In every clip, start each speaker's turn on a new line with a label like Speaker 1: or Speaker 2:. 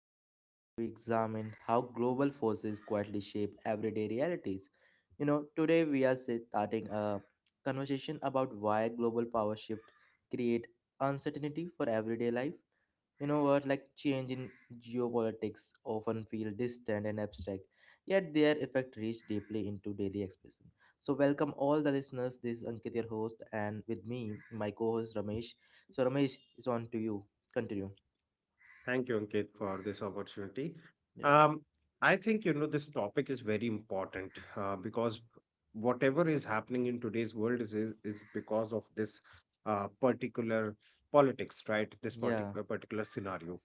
Speaker 1: podcast where we examine how global forces quietly shape everyday realities. You know, today we are starting a conversation about why global power shift create uncertainty for everyday life. You know what, like change in geopolitics often feel distant and abstract, yet their effect reach deeply into daily expression. So welcome all the listeners. This is Ankit, your host, and with me, my co-host Ramesh. So Ramesh, is on to you. Continue.
Speaker 2: Thank you, Ankit, for this opportunity.
Speaker 1: Yeah,
Speaker 2: Um, I think you know this topic is very important because whatever is happening in today's world is because of this particular politics, right? This
Speaker 1: yeah,
Speaker 2: particular scenario.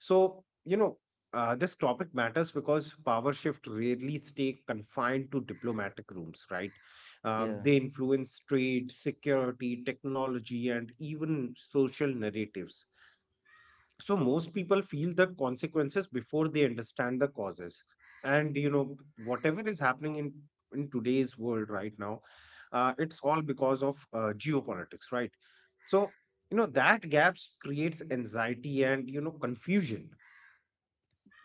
Speaker 2: So you know this topic matters because power shift rarely stay confined to diplomatic rooms, right? Um,
Speaker 1: yeah,
Speaker 2: they influence trade, security, technology, and even social narratives, so most people feel the consequences before they understand the causes. And you know whatever is happening in today's world right now, it's all because of geopolitics, right? So you know that gaps creates anxiety and you know confusion.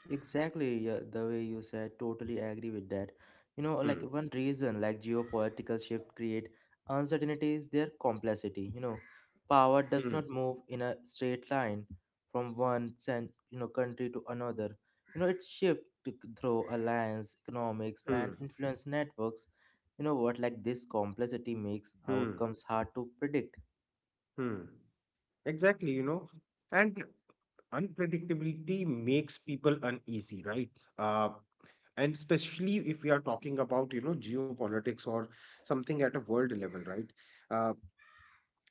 Speaker 1: exactly. Yeah, the way you said, totally agree with that. You know, like
Speaker 2: Hmm.
Speaker 1: one reason, like geopolitical shift create uncertainty is their complexity. You know, power does
Speaker 2: Hmm.
Speaker 1: not move in a straight line from one country to another. You know, it shift through alliance, economics,
Speaker 2: Hmm.
Speaker 1: and influence networks. You know what? Like this complexity makes
Speaker 2: Hmm.
Speaker 1: outcomes hard to predict.
Speaker 2: Hmm. Exactly, you know, and unpredictability makes people uneasy, right? Uh, and especially if we are talking about, you know, geopolitics or something at a world level, right? uh,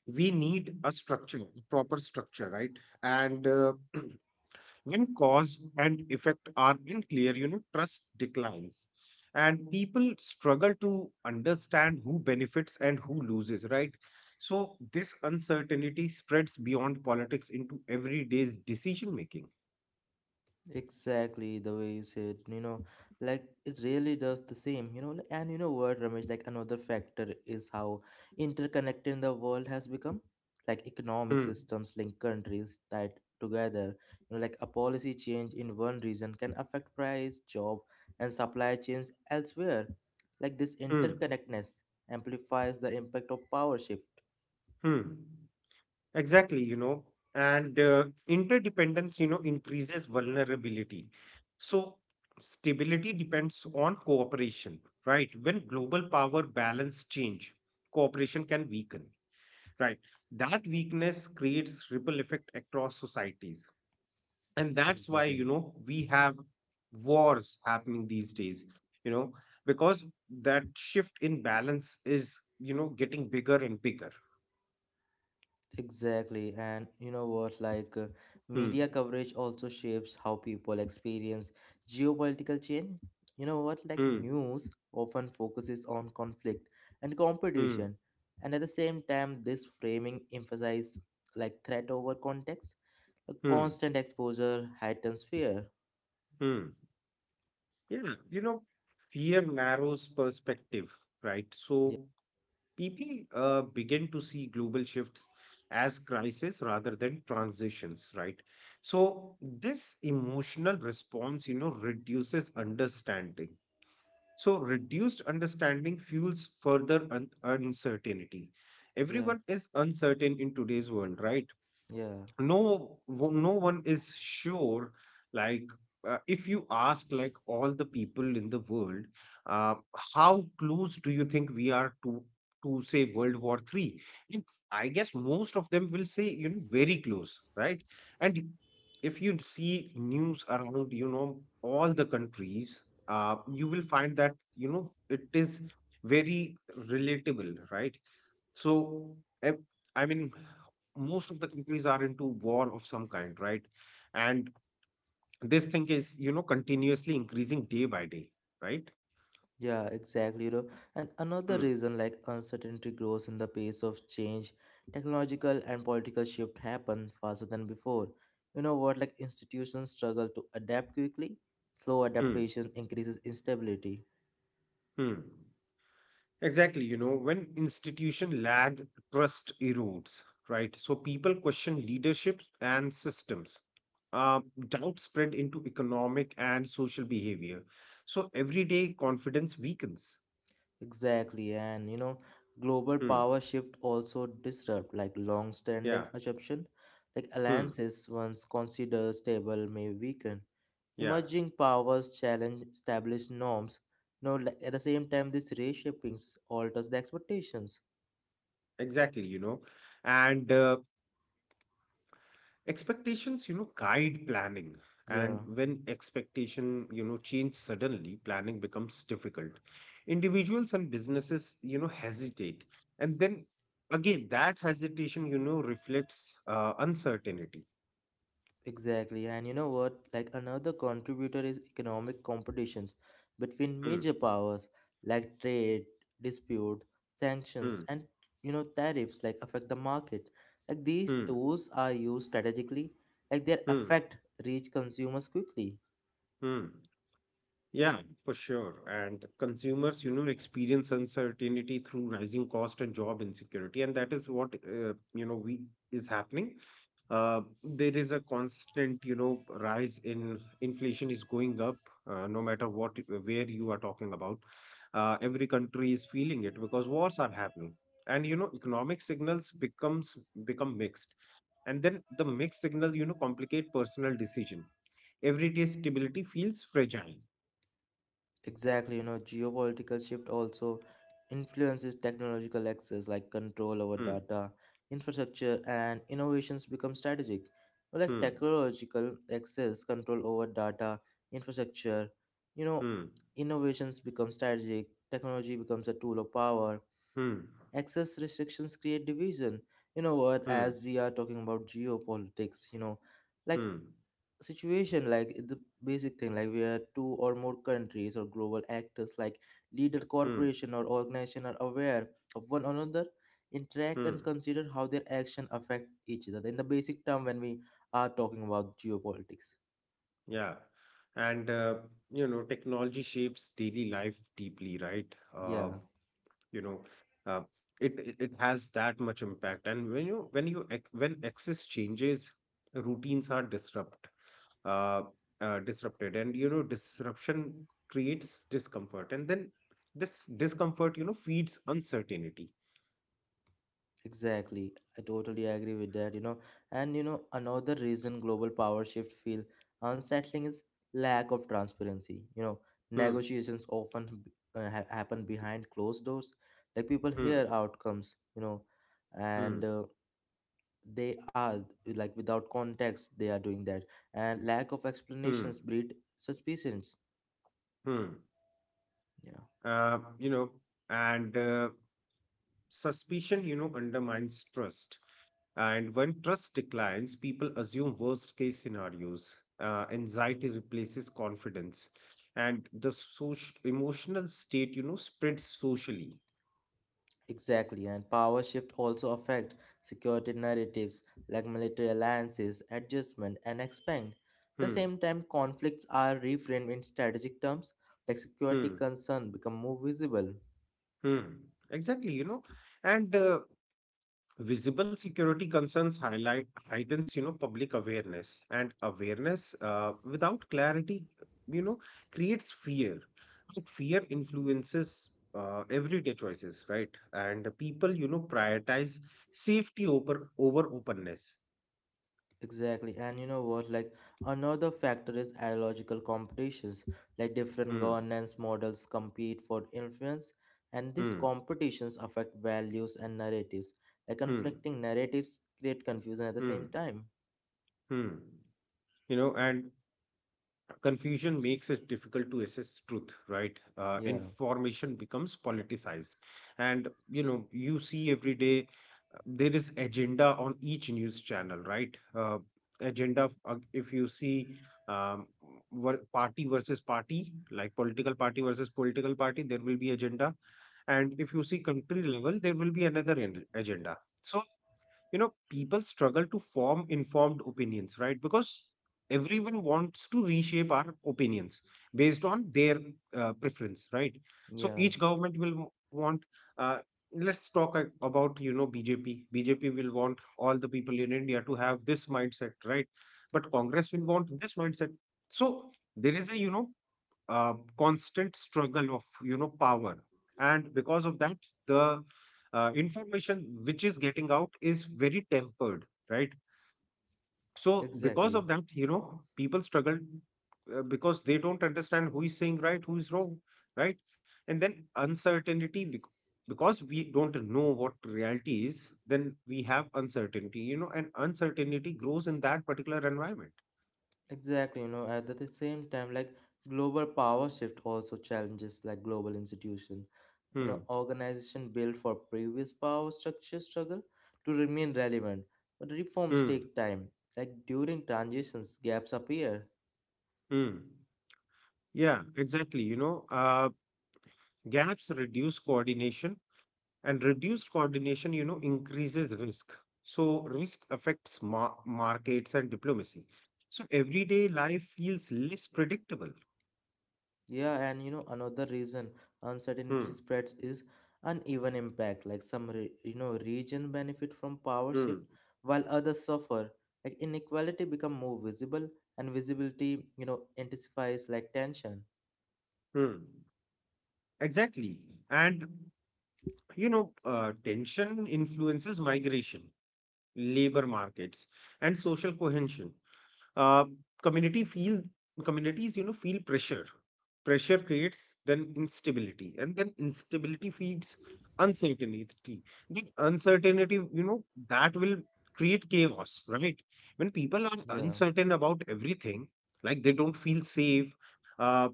Speaker 2: we need a structure, proper structure, right? And when cause and effect are unclear, you know, trust declines, and people struggle to understand who benefits and who loses, right? So this uncertainty spreads beyond politics into everyday decision making.
Speaker 1: Exactly the way you said, you know, like it really does the same, you know. And you know what, Ramesh, like another factor is how interconnected the world has become. Like economic
Speaker 2: Hmm.
Speaker 1: systems link countries tied together. You know, like a policy change in one region can affect price, job, and supply chains elsewhere. Like this
Speaker 2: Hmm.
Speaker 1: interconnectedness amplifies the impact of power shift.
Speaker 2: Hmm. Exactly, you know, and interdependence, you know, increases vulnerability. So stability depends on cooperation, right? When global power balance change, cooperation can weaken, right? That weakness creates ripple effect across societies. And that's why, you
Speaker 1: Exactly.
Speaker 2: know, we have wars happening these days, you know, because that shift in balance is, you know, getting bigger and bigger.
Speaker 1: Exactly, and you know what?
Speaker 2: Hmm,
Speaker 1: Media coverage also shapes how people experience geopolitical change. You know what? Like,
Speaker 2: hmm,
Speaker 1: news often focuses on conflict and
Speaker 2: hmm,
Speaker 1: competition, and at the same time, this framing emphasizes like threat over context. A
Speaker 2: hmm.
Speaker 1: constant exposure heightens fear.
Speaker 2: Hmm. Yeah, you know, fear narrows perspective, right?
Speaker 1: Yeah,
Speaker 2: So people begin to see global shifts as crises rather than transitions, right? So this emotional response, you know, reduces understanding. So reduced understanding fuels further uncertainty.
Speaker 1: yeah,
Speaker 2: Everyone is uncertain in today's world, right?
Speaker 1: yeah.
Speaker 2: No one is sure, like, if you ask like all the people in the world, uh, how close do you think we are to say World War 3? I guess most of them will say, you know, very close, right? And if you see news around, you know, all the countries, you will find that, you know, it is very relatable, right? So, eh, I mean, most of the countries are into war of some kind, right? And this thing is, you know, continuously increasing day by day, right?
Speaker 1: Yeah, exactly, you know. And another
Speaker 2: Hmm.
Speaker 1: reason like uncertainty grows in the pace of change, technological and political shift happen faster than before. You know what, like institutions struggle to adapt quickly. Slow
Speaker 2: Hmm.
Speaker 1: adaptation increases instability.
Speaker 2: Hmm. Exactly, you know, when institution lag, trust erodes, right? So people question leadership and systems. Uh, Doubt spread into economic and social behavior. So everyday confidence weakens.
Speaker 1: Exactly, and you know, global
Speaker 2: Hmm.
Speaker 1: power shift also disrupt like
Speaker 2: Yeah.
Speaker 1: long-standing assumption. Like
Speaker 2: Hmm.
Speaker 1: alliances once considered stable may weaken.
Speaker 2: Yeah.
Speaker 1: Emerging powers challenge established norms. Now, at the same time, this reshapings alters the expectations.
Speaker 2: Exactly, you know, and expectations, you know, guide planning. And
Speaker 1: Yeah,
Speaker 2: when expectation, you know, change suddenly, planning becomes difficult. Individuals and businesses, you know, hesitate. And then again, that hesitation, you know, reflects uncertainty.
Speaker 1: exactly. And you know what? Like another contributor is economic competitions between
Speaker 2: Hmm,
Speaker 1: major powers, like trade, dispute, sanctions,
Speaker 2: hmm,
Speaker 1: and you know tariffs, like affect the market. Like these
Speaker 2: hmm,
Speaker 1: tools are used strategically. Like their
Speaker 2: hmm,
Speaker 1: effect reach consumers quickly.
Speaker 2: hmm. Yeah, for sure. And consumers, you know, experience uncertainty through rising cost and job insecurity, and that is what you know we is happening. There is a constant, you know, rise in inflation is going up, no matter what where you are talking about. Every country is feeling it because wars are happening, and you know, economic signals become mixed, and then the mixed signal, you know, complicate personal decision. Everyday stability feels fragile.
Speaker 1: Exactly, you know, geopolitical shift also influences technological access like control over
Speaker 2: Hmm.
Speaker 1: data, infrastructure, and innovations become strategic. Well, like
Speaker 2: Hmm.
Speaker 1: technological access, control over data, infrastructure, you know,
Speaker 2: Hmm.
Speaker 1: innovations become strategic, technology becomes a tool of power.
Speaker 2: Hmm.
Speaker 1: Access restrictions create division. You know what,
Speaker 2: Hmm.
Speaker 1: as we are talking about geopolitics, you know, like
Speaker 2: Hmm.
Speaker 1: situation like the basic thing like where two or more countries or global actors like leader
Speaker 2: Hmm.
Speaker 1: corporation or organization are aware of one another interact and
Speaker 2: Hmm.
Speaker 1: consider how their action affect each other in the basic term when we are talking about geopolitics.
Speaker 2: Yeah. And you know, technology shapes daily life deeply, right?
Speaker 1: Yeah.
Speaker 2: You know, uh, it has that much impact. And when access changes, routines are uh, disrupted, and you know, disruption creates discomfort, and then this discomfort, you know, feeds uncertainty.
Speaker 1: Exactly. I totally agree with that, you know. And you know, another reason global power shift feel unsettling is lack of transparency. You know,
Speaker 2: Hmm.
Speaker 1: negotiations often happen behind closed doors. Like people
Speaker 2: Hmm.
Speaker 1: hear outcomes, you know,
Speaker 2: Hmm.
Speaker 1: and they are like without context they are doing that. And lack of
Speaker 2: Hmm.
Speaker 1: explanations breed suspicions.
Speaker 2: Hmm.
Speaker 1: Yeah.
Speaker 2: You know, and suspicion, you know, undermines trust. And when trust declines, people assume worst case scenarios. Anxiety replaces confidence, and the social emotional state, you know, spreads socially.
Speaker 1: Exactly, and power shift also affect security narratives like military alliances, adjustment, and expand. At the
Speaker 2: Hmm.
Speaker 1: same time, conflicts are reframed in strategic terms, like security
Speaker 2: Hmm.
Speaker 1: concern become more visible.
Speaker 2: Hmm. Exactly, you know, and visible security concerns highlight heightens, you know, public awareness, and awareness without clarity, you know, creates fear, and fear influences everyday choices, right? And people, you know, prioritize safety over openness.
Speaker 1: Exactly, and you know what? Like another factor is ideological competitions, like different
Speaker 2: Hmm.
Speaker 1: governance models compete for influence, and these
Speaker 2: Hmm.
Speaker 1: competitions affect values and narratives. Like
Speaker 2: Hmm.
Speaker 1: conflicting narratives create confusion at the
Speaker 2: Hmm.
Speaker 1: same time.
Speaker 2: Hmm. You know, and confusion makes it difficult to assess truth, right?
Speaker 1: Yeah,
Speaker 2: Information becomes politicized. And you know, you see every day there is agenda on each news channel, right? Agenda, if you see, um, party versus party, like political party versus political party, there will be agenda. And if you see country level, there will be another agenda. So you know people struggle to form informed opinions, right? Because everyone wants to reshape our opinions based on their preference, right? So
Speaker 1: yeah.
Speaker 2: each government will want uh, let's talk about, you know, BJP will want all the people in India to have this mindset, right? But Congress will want this mindset. So there is a, you know, constant struggle of, you know, power. And because of that, the information which is getting out is very tempered, right? So because
Speaker 1: Exactly.
Speaker 2: of that, you know, people struggle because they don't understand who is saying right, who is wrong, right? And then because we don't know what reality is, then we have uncertainty, you know, and uncertainty grows in that particular environment.
Speaker 1: Exactly. You know, at the same time, like global power shift also challenges like global institution. You
Speaker 2: Hmm.
Speaker 1: know, organization built for previous power structure struggle to remain relevant. But reforms
Speaker 2: Hmm.
Speaker 1: take time. Like during transitions, gaps appear.
Speaker 2: Hmm. Yeah, exactly, you know, gaps reduce coordination, and reduced coordination, you know, increases risk. So risk affects markets and diplomacy. So everyday life feels less predictable.
Speaker 1: Yeah, and you know, another reason uncertainty
Speaker 2: Hmm.
Speaker 1: spreads is uneven impact. Like some, you know, region benefit from power shift
Speaker 2: Hmm.
Speaker 1: while others suffer. Like inequality become more visible, and visibility, you know, intensifies like tension.
Speaker 2: Hmm. Exactly, and you know, tension influences migration, labor markets, and social cohesion. uh, community feel Communities, you know, feel pressure. Pressure creates then instability, and then instability feeds uncertainty. Then uncertainty, you know, that will create chaos, right? When people are
Speaker 1: Yeah.
Speaker 2: uncertain about everything, like they don't feel safe uh,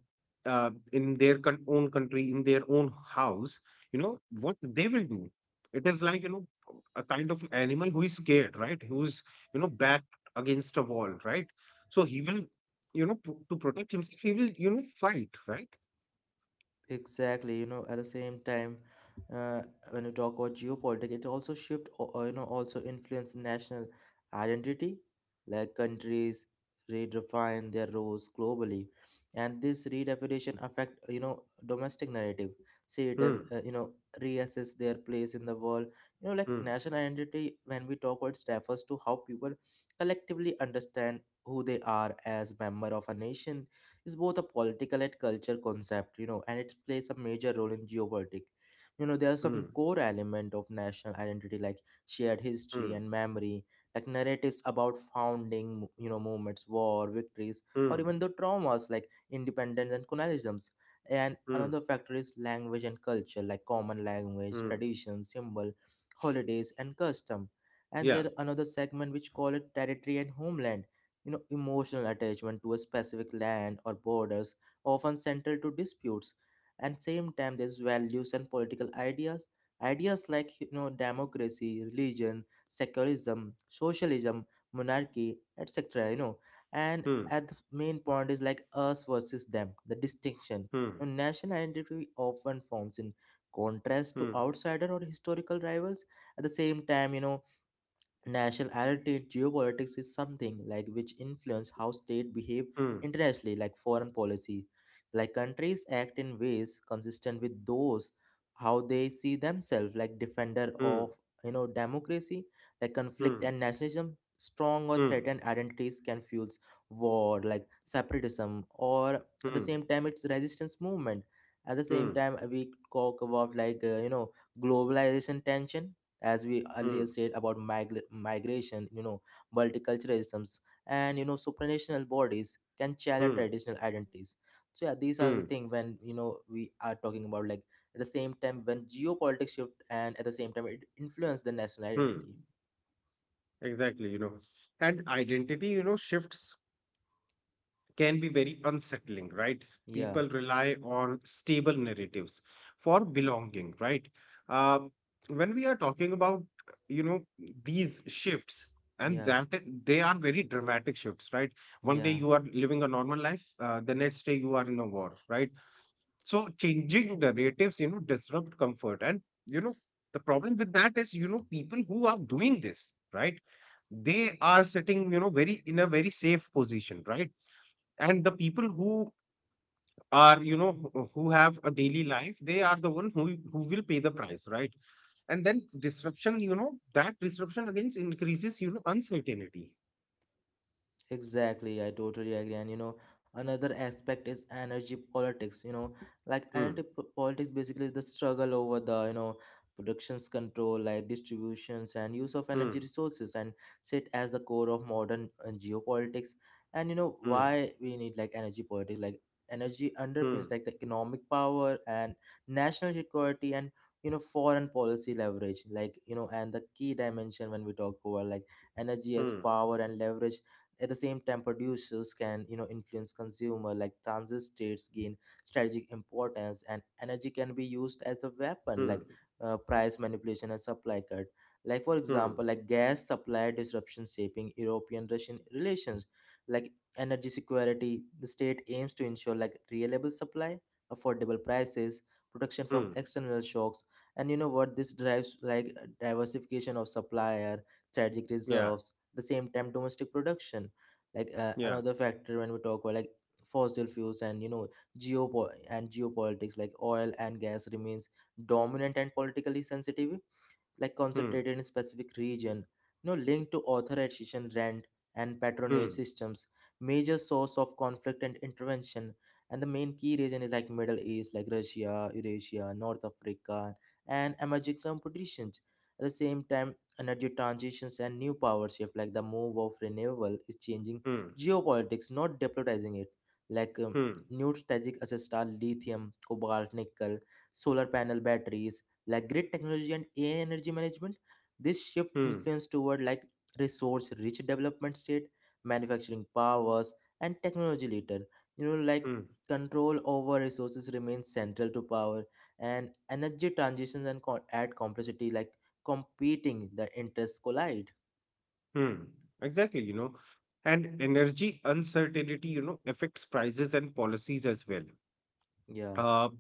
Speaker 2: in their own country, in their own house. You know what they will do? It is like, you know, a kind of animal who is scared, right? Who's, you know, backed against a wall, right? So he will, you know, to protect himself, he will, you know, fight, right?
Speaker 1: Exactly, you know, at the same time, uh, when you talk about geopolitics, it also shift, you know, also influence national identity, like countries redefine their roles globally, and this redefinition affect, you know, domestic narrative, see it and
Speaker 2: Mm,
Speaker 1: you know, reassess their place in the world. You know, like
Speaker 2: mm,
Speaker 1: national identity, when we talk about, it refers to how people collectively understand who they are as member of a nation is both a political and culture concept, you know, and it plays a major role in geopolitics. You know, there are some
Speaker 2: mm,
Speaker 1: core element of national identity like shared history
Speaker 2: mm,
Speaker 1: and memory, like narratives about founding, you know, movements, war, victories, or
Speaker 2: mm,
Speaker 1: even the traumas like independence and colonialisms. And
Speaker 2: mm,
Speaker 1: another factor is language and culture, like common language,
Speaker 2: mm.
Speaker 1: traditions, symbol, holidays, and custom. And
Speaker 2: Yeah.
Speaker 1: there another segment which call it territory and homeland, you know, emotional attachment to a specific land or borders often central to disputes. And same time there's values and political ideas, ideas like you know democracy, religion, secularism, socialism, monarchy, etc., you know. And
Speaker 2: Mm,
Speaker 1: at the main point is like us versus them the distinction,
Speaker 2: mm,
Speaker 1: and national identity often forms in contrast to
Speaker 2: mm,
Speaker 1: outsider or historical rivals. At the same time, you know, national identity in geopolitics is something like which influence how states behave
Speaker 2: mm, mm,
Speaker 1: internationally, like foreign policy. Like countries act in ways consistent with those how they see themselves, like defender
Speaker 2: mm,
Speaker 1: of you know democracy, like conflict
Speaker 2: mm,
Speaker 1: and nationalism. Strong or
Speaker 2: mm,
Speaker 1: threatened identities can fuel war, like separatism, or at the
Speaker 2: mm,
Speaker 1: same time it's resistance movement. At the same time, we talk about like you know globalization tension, as we earlier
Speaker 2: mm,
Speaker 1: said about migration, you know, multiculturalisms, and you know supranational bodies can challenge
Speaker 2: mm,
Speaker 1: traditional identities. So yeah these are
Speaker 2: mm,
Speaker 1: the thing when you know we are talking about like at the same time when geopolitics shift and at the same time it influence the national
Speaker 2: mm.
Speaker 1: identity.
Speaker 2: Exactly, you know. And identity, you know, shifts can be very unsettling, right?
Speaker 1: Yeah,
Speaker 2: People rely on stable narratives for belonging, right? Uh, when we are talking about, you know, these shifts, and
Speaker 1: yeah,
Speaker 2: that they are very dramatic shifts, right? One day
Speaker 1: yeah.
Speaker 2: you are living a normal life, the next day you are in a war, right? So changing narratives, you know, disrupt comfort. And you know, the problem with that is, you know, people who are doing this, right? They are sitting, you know, very in a very safe position, right? And the people who are, you know, who have a daily life, they are the one who will pay the price, right? And then disruption, you know, that disruption again increases, you know, uncertainty.
Speaker 1: Exactly, I totally agree. And you know, another aspect is energy politics. You know, like
Speaker 2: Hmm.
Speaker 1: energy politics basically is the struggle over the, you know, productions control, like distributions and use of energy
Speaker 2: Hmm.
Speaker 1: resources, and sit as the core of modern geopolitics. And you know,
Speaker 2: Hmm.
Speaker 1: why we need like energy politics, like energy
Speaker 2: Hmm.
Speaker 1: underpins like the economic power and national security and you know foreign policy leverage like you know. And the key dimension when we talk about like energy as
Speaker 2: Hmm.
Speaker 1: power and leverage, at the same time, producers can you know influence consumer like transit states gain strategic importance, and energy can be used as a weapon
Speaker 2: Hmm.
Speaker 1: like price manipulation and supply cut. Like for
Speaker 2: Hmm.
Speaker 1: example, like gas supply disruption shaping European-Russian relations, like energy security. The state aims to ensure like reliable supply, affordable prices, protection from
Speaker 2: Hmm.
Speaker 1: external shocks, and you know what this drives like diversification of supplier strategic
Speaker 2: Yeah.
Speaker 1: reserves the same time domestic production. Like
Speaker 2: Yeah.
Speaker 1: another factor when we talk about like fossil fuels and you know and geopolitics like oil and gas remains dominant and politically sensitive like
Speaker 2: Hmm.
Speaker 1: concentrated in a specific region, you know, linked to authorization rent and patronage
Speaker 2: Hmm.
Speaker 1: systems, major source of conflict and intervention. And the main key region is like Middle East, like Russia, Eurasia, North Africa, and emerging competitions. At the same time energy transitions and new power shift like the move of renewable is changing
Speaker 2: Hmm.
Speaker 1: geopolitics, not depolarizing it. Like
Speaker 2: Hmm.
Speaker 1: new strategic assets are lithium, cobalt, nickel, solar panel batteries, like grid technology and AI energy management. This shift
Speaker 2: Hmm.
Speaker 1: influence toward like resource rich development state, manufacturing powers, and technology later. You know, like
Speaker 2: Hmm.
Speaker 1: control over resources remains central to power and energy transitions and add complexity like competing the interests collide.
Speaker 2: Hmm. Exactly, you know, and energy uncertainty, you know, affects prices and policies as
Speaker 1: Yeah,
Speaker 2: well.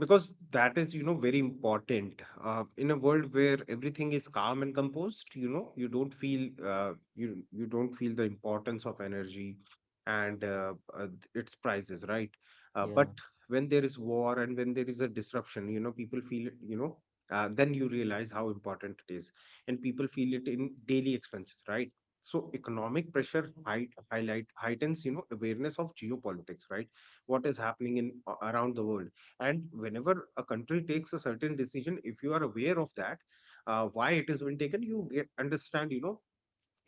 Speaker 2: Because that is, you know, very important. In a world where everything is calm and composed, you know, you don't feel you don't feel the importance of energy and its prices, right? But
Speaker 1: yeah,
Speaker 2: when there is war and when there is a disruption, you know, people feel it, you know, then you realize how important it is. And people feel it in daily expenses, right? So economic pressure, heightens, you know, awareness of geopolitics, right? What is happening around the world. And whenever a country takes a certain decision, if you are aware of that, why it has been taken, you understand, you know,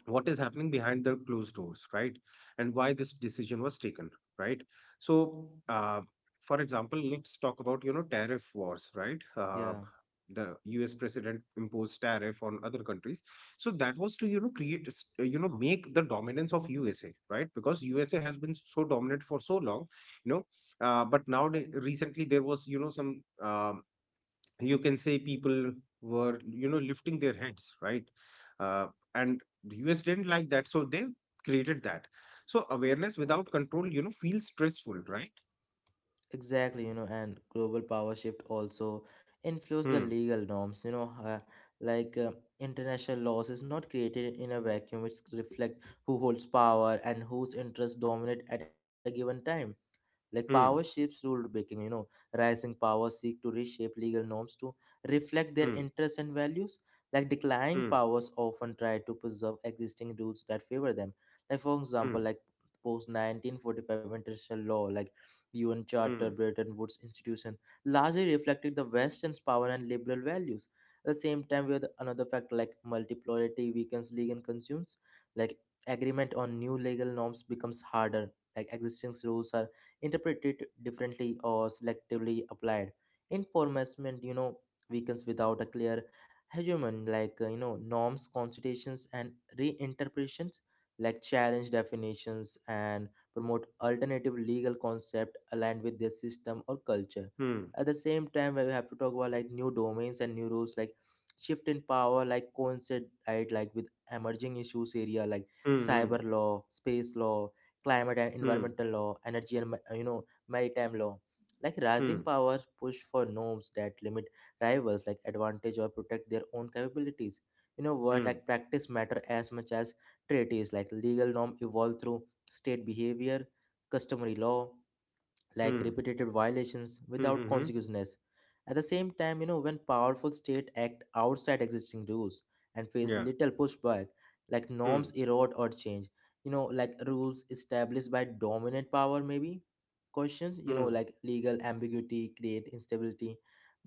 Speaker 2: what is happening behind the closed doors, right? And why this decision was taken, right? So for example, let's talk about, you know, tariff wars, right?
Speaker 1: yeah.
Speaker 2: The US president imposed tariff on other countries. So that was to, you know, you know, make the dominance of USA, right? Because USA has been so dominant for so long, you know. But now recently there was, you know, some you can say, people were, you know, lifting their heads, right? uh, and the US didn't like that, so they created that. So awareness without control, you know, feels stressful, right?
Speaker 1: Exactly, you know, and global power shift also influence the
Speaker 2: Hmm.
Speaker 1: legal norms. You know, like international laws is not created in a vacuum. It's reflect who holds power and whose interests dominate at a given time. Like power
Speaker 2: Hmm.
Speaker 1: shapes rule making, you know, rising power seek to reshape legal norms to reflect their
Speaker 2: Hmm.
Speaker 1: interests and values. Like declining
Speaker 2: Hmm.
Speaker 1: powers often try to preserve existing rules that favor them. Like for
Speaker 2: Hmm.
Speaker 1: example, like post 1945 international law, like UN Charter, Bretton Woods Institution, largely reflected the Western's power and liberal values. At the same time, we have another factor like multipolarity weakens legal consumes, like agreement on new legal norms becomes harder. Like existing rules are interpreted differently or selectively applied. Enforcement, you know, weakens without a clear hegemon, like, you know, norms, constitutions, and reinterpretations, like challenge definitions and promote alternative legal concept aligned with their system or culture.
Speaker 2: Hmm.
Speaker 1: At the same time, we have to talk about like new domains and new rules, like shift in power, like coincide right, like with emerging issues area like
Speaker 2: Hmm. Hmm.
Speaker 1: cyber law, space law, climate and
Speaker 2: Hmm.
Speaker 1: environmental law, energy and you know maritime law. Like rising
Speaker 2: Hmm.
Speaker 1: powers push for norms that limit rivals, like advantage or protect their own capabilities. You know what?
Speaker 2: Hmm.
Speaker 1: Like
Speaker 2: Hmm.
Speaker 1: practice matter as much as treaties. Like legal norm evolve through state behavior, customary law, like
Speaker 2: Hmm.
Speaker 1: repeated violations
Speaker 2: Hmm.
Speaker 1: without
Speaker 2: Hmm,
Speaker 1: consequences. At the same time, you know, when powerful states act outside existing rules and face
Speaker 2: yeah.
Speaker 1: little pushback, like norms
Speaker 2: Hmm.
Speaker 1: erode or change, you know, like rules established by dominant power, maybe questions, you know,
Speaker 2: Hmm.
Speaker 1: like legal ambiguity create instability.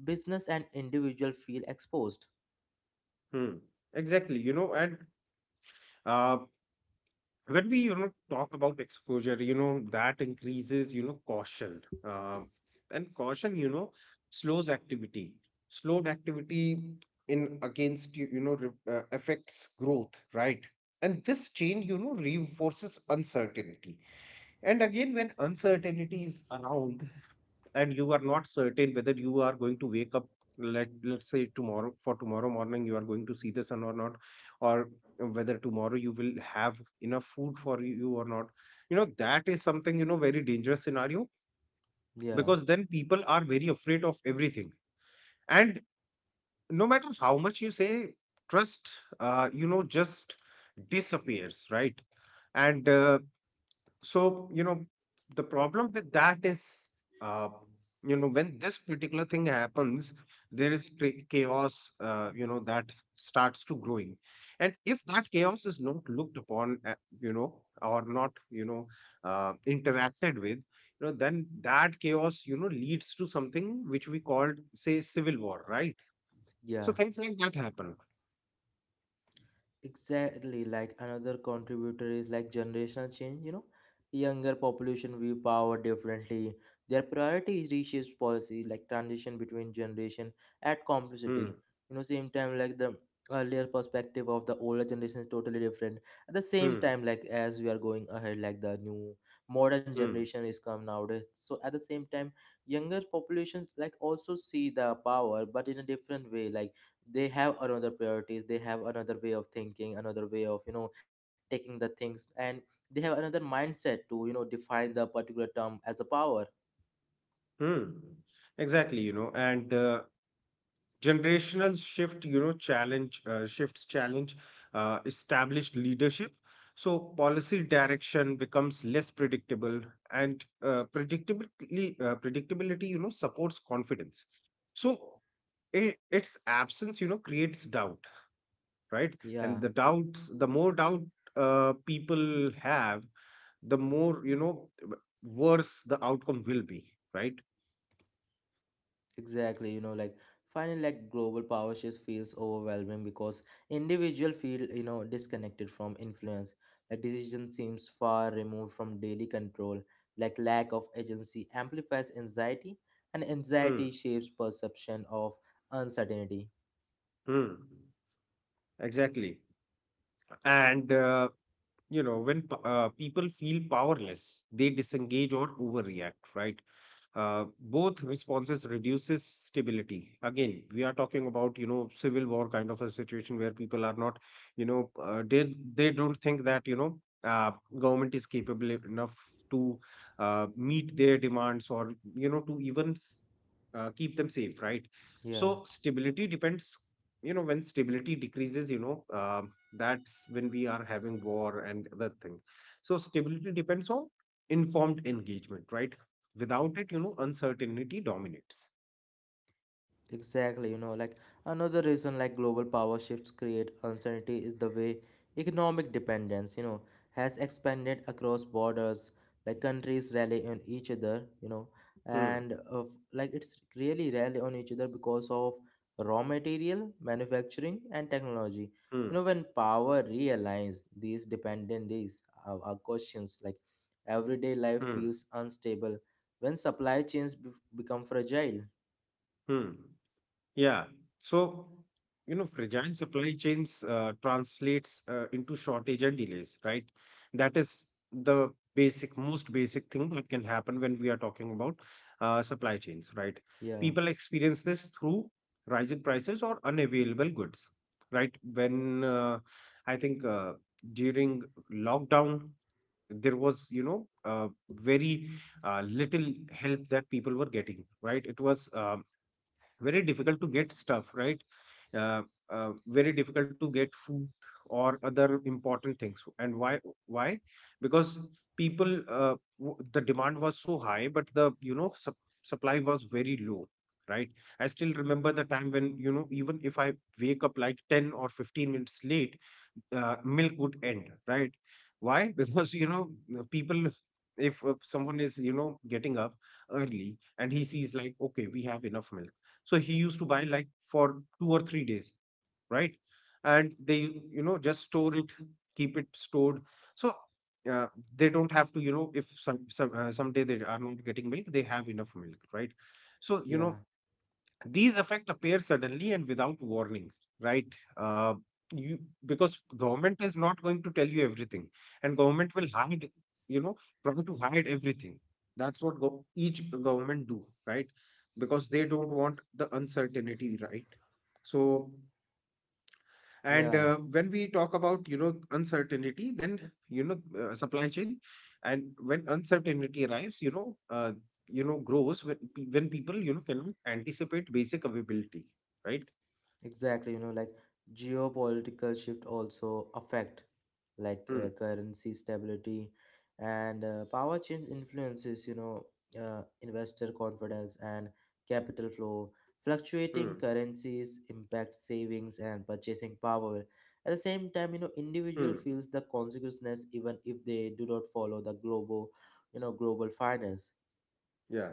Speaker 1: Business and individual feel exposed.
Speaker 2: Hmm. Exactly, you know, and uh, when we, you know, talk about exposure, you know, that increases, you know, caution. And caution, you know, slows activity. Slowed activity in against you you know re- Affects growth, right? And this chain, you know, reinforces uncertainty. And again, when uncertainty is around, and you are not certain whether you are going to wake up, let's say Tomorrow, for tomorrow morning you are going to see the sun or not, or whether tomorrow you will have enough food for you or not. You know, that is something, you know, very dangerous scenario.
Speaker 1: Yeah,
Speaker 2: Because then people are very afraid of everything, and no matter how much you say, trust you know just disappears, right? and so you know, the problem with that is, uh, you know, when this particular thing happens, there is chaos, you know, that starts to growing. And if that chaos is not looked upon, you know or not you know interacted with, you know, then that chaos, you know, leads to something which we called say civil war, right? So
Speaker 1: yeah.
Speaker 2: things like that happen.
Speaker 1: Exactly, like another contributor is like generational change, you know. Younger population view power differently. Their priorities reshapes policy, like transition between generation at complexity.
Speaker 2: Hmm
Speaker 1: You know, same time like the earlier perspective of the older generation is totally different. At the same
Speaker 2: hmm
Speaker 1: time, like as we are going ahead, like the new modern
Speaker 2: hmm
Speaker 1: generation is come nowadays. So at the same time, younger populations like also see the power, but in a different way. Like they have another priorities, they have another way of thinking, another way of, you know, taking the things, and they have another mindset to, you know, define the particular term as a power.
Speaker 2: hmm exactly, you know, and generational shift, you know, challenge shifts challenge established leadership. So policy direction becomes less predictable. And predictability, you know, supports confidence. So its absence, you know, creates doubt, right? And
Speaker 1: Yeah,
Speaker 2: the more doubt people have, the more, you know, worse the outcome will be, right?
Speaker 1: exactly, you know, like finally like global power shift feels overwhelming because individual feel, you know, disconnected from influence, like decision seems far removed from daily control, like lack of agency amplifies anxiety, and anxiety
Speaker 2: Mm.
Speaker 1: shapes perception of uncertainty.
Speaker 2: Mm. Exactly. And you know, when people feel powerless, they disengage or overreact, right? uh, Both responses reduces stability. Again, we are talking about, you know, civil war kind of a situation where people are not, you know, they don't think that, you know, uh, government is capable enough to meet their demands, or you know, to even keep them safe, right? So
Speaker 1: Yeah.
Speaker 2: stability depends, you know, when stability decreases, you know, that's when we are having war and other thing. So stability depends on informed engagement, right? Without it, you know, uncertainty dominates.
Speaker 1: Exactly, you know, like another reason like global power shifts create uncertainty is the way economic dependence, you know, has expanded across borders, like countries rely on each other, you know,
Speaker 2: Hmm,
Speaker 1: and of like it's really rely on each other because of raw material, manufacturing and technology.
Speaker 2: hmm,
Speaker 1: You know, when power realigns, these dependencies are questions, like everyday life
Speaker 2: hmm,
Speaker 1: feels unstable when supply chains become fragile.
Speaker 2: hmm. Yeah. So, you know, fragile supply chains translates into shortage and delays, right? That is the basic, most basic thing that can happen when we are talking about supply chains, right?
Speaker 1: Yeah,
Speaker 2: People experience this through rising prices or unavailable goods, right? When I think, during lockdown, there was, you know, very little help that people were getting, right? It was very difficult to get stuff, right? uh, Very difficult to get food or other important things. And why, why? Because people, the demand was so high, but the, you know, supply was very low, right? I still remember the time when, you know, even if I wake up like 10 or 15 minutes late, milk would end, right? Why? Because, you know, people, if someone is, you know, getting up early and he sees like okay, we have enough milk, so he used to buy like for 2 or 3 days, right? And they, you know, just store it, keep it stored. So uh, they don't have to, you know, if someday they are not getting milk, they have enough milk, right? So you
Speaker 1: yeah.
Speaker 2: know, these effect appear suddenly and without warning, right? uh, you Because government is not going to tell you everything, and government will hide, you know, try to hide everything. That's what each government do, right? Because they don't want the uncertainty, right? So, and
Speaker 1: Yeah,
Speaker 2: uh, when we talk about, you know, uncertainty, then you know, supply chain. And when uncertainty arrives, you know, grows when when people, you know, cannot anticipate basic availability, right?
Speaker 1: exactly. You know, like geopolitical shift also affect like
Speaker 2: hmm
Speaker 1: currency stability, and power change influences, you know, investor confidence and capital flow. Fluctuating
Speaker 2: hmm
Speaker 1: currencies impact savings and purchasing power. At the same time, you know, individual
Speaker 2: hmm
Speaker 1: feels the consequences even if they do not follow the global, you know, global finance.
Speaker 2: yeah.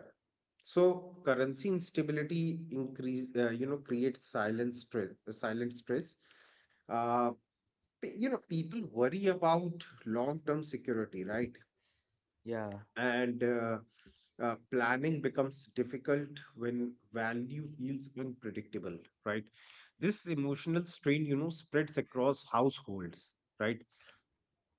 Speaker 2: So currency instability increase you know, creates silent stress, silent stress. uh, you know, people worry about long term security, right?
Speaker 1: Yeah.
Speaker 2: and Planning becomes difficult when value feels unpredictable, right? This emotional strain, you know, spreads across households, right?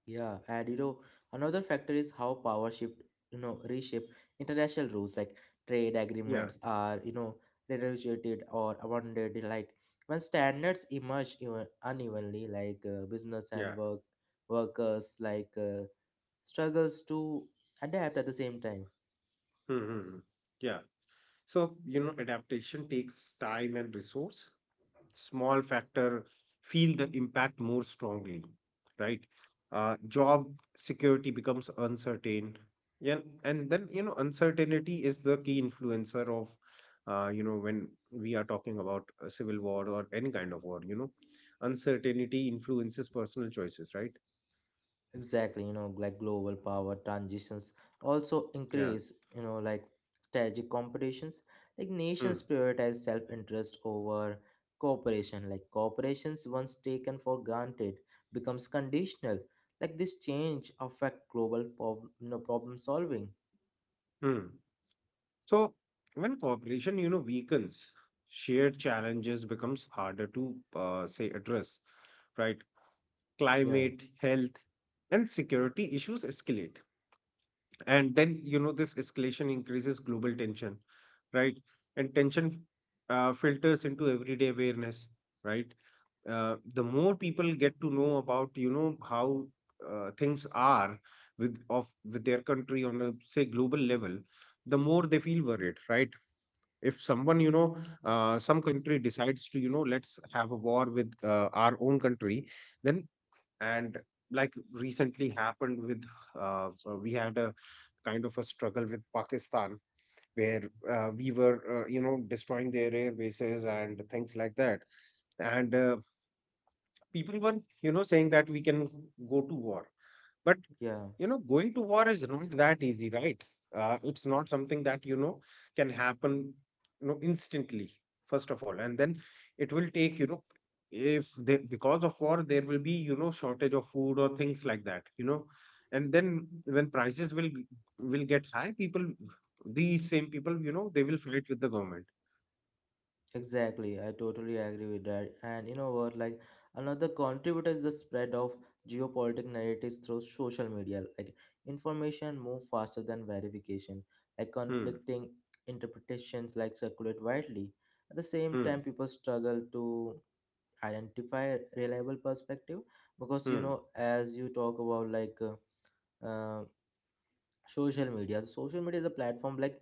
Speaker 1: Yeah, and you know, another factor is how power shift, you know, reshape international rules, like trade
Speaker 2: Yeah.
Speaker 1: agreements are, you know, renegotiated or amended. Like when standards emerge even unevenly, like business
Speaker 2: Yeah.
Speaker 1: and workers like struggles to adapt at the same time.
Speaker 2: hmm yeah. So, you know, adaptation takes time and resource. Small factor feel the impact more strongly, right? Job security becomes uncertain. Yeah. And then, you know, uncertainty is the key influencer of, you know, when we are talking about a civil war or any kind of war, you know, uncertainty influences personal choices, right?
Speaker 1: Exactly, you know, like global power transitions also
Speaker 2: Yeah.
Speaker 1: increase, you know, like strategic competitions. Like
Speaker 2: hmm.
Speaker 1: nations prioritize self interest over cooperation. Like corporations, once taken for granted, becomes conditional. Like this change affect global you know, problem solving.
Speaker 2: Hmm. So when cooperation, you know, weakens, shared challenges becomes harder to say address, right?
Speaker 1: Yeah,
Speaker 2: Climate, health, and security issues escalate. And then, you know, this escalation increases global tension, right? And tension filters into everyday awareness, right? The more people get to know about, you know, how things are with of with their country on a say global level, the more they feel worried, right? If someone, you know, some country decides to, you know, let's have a war with our own country, then, and like recently happened with, we had a kind of a struggle with Pakistan where, we were you know, destroying their air bases and things like that. And people were, you know, saying that we can go to war, but,
Speaker 1: yeah.
Speaker 2: you know, going to war is not that easy, right? It's not something that, you know, can happen, you know, instantly, first of all. And then it will take, you know, if they, because of war there will be, you know, shortage of food or things like that, you know. And then when prices will will get high, people, these same people, you know, they will fight with the government.
Speaker 1: Exactly, I totally agree with that. And you know what, like another contributor is the spread of geopolitical narratives through social media. Like information move faster than verification. Like
Speaker 2: Hmm
Speaker 1: conflicting interpretations like circulate widely. At the same
Speaker 2: hmm
Speaker 1: time, people struggle to identify a reliable perspective because, you
Speaker 2: hmm
Speaker 1: know, as you talk about, like uh, social media, the social media is a platform, like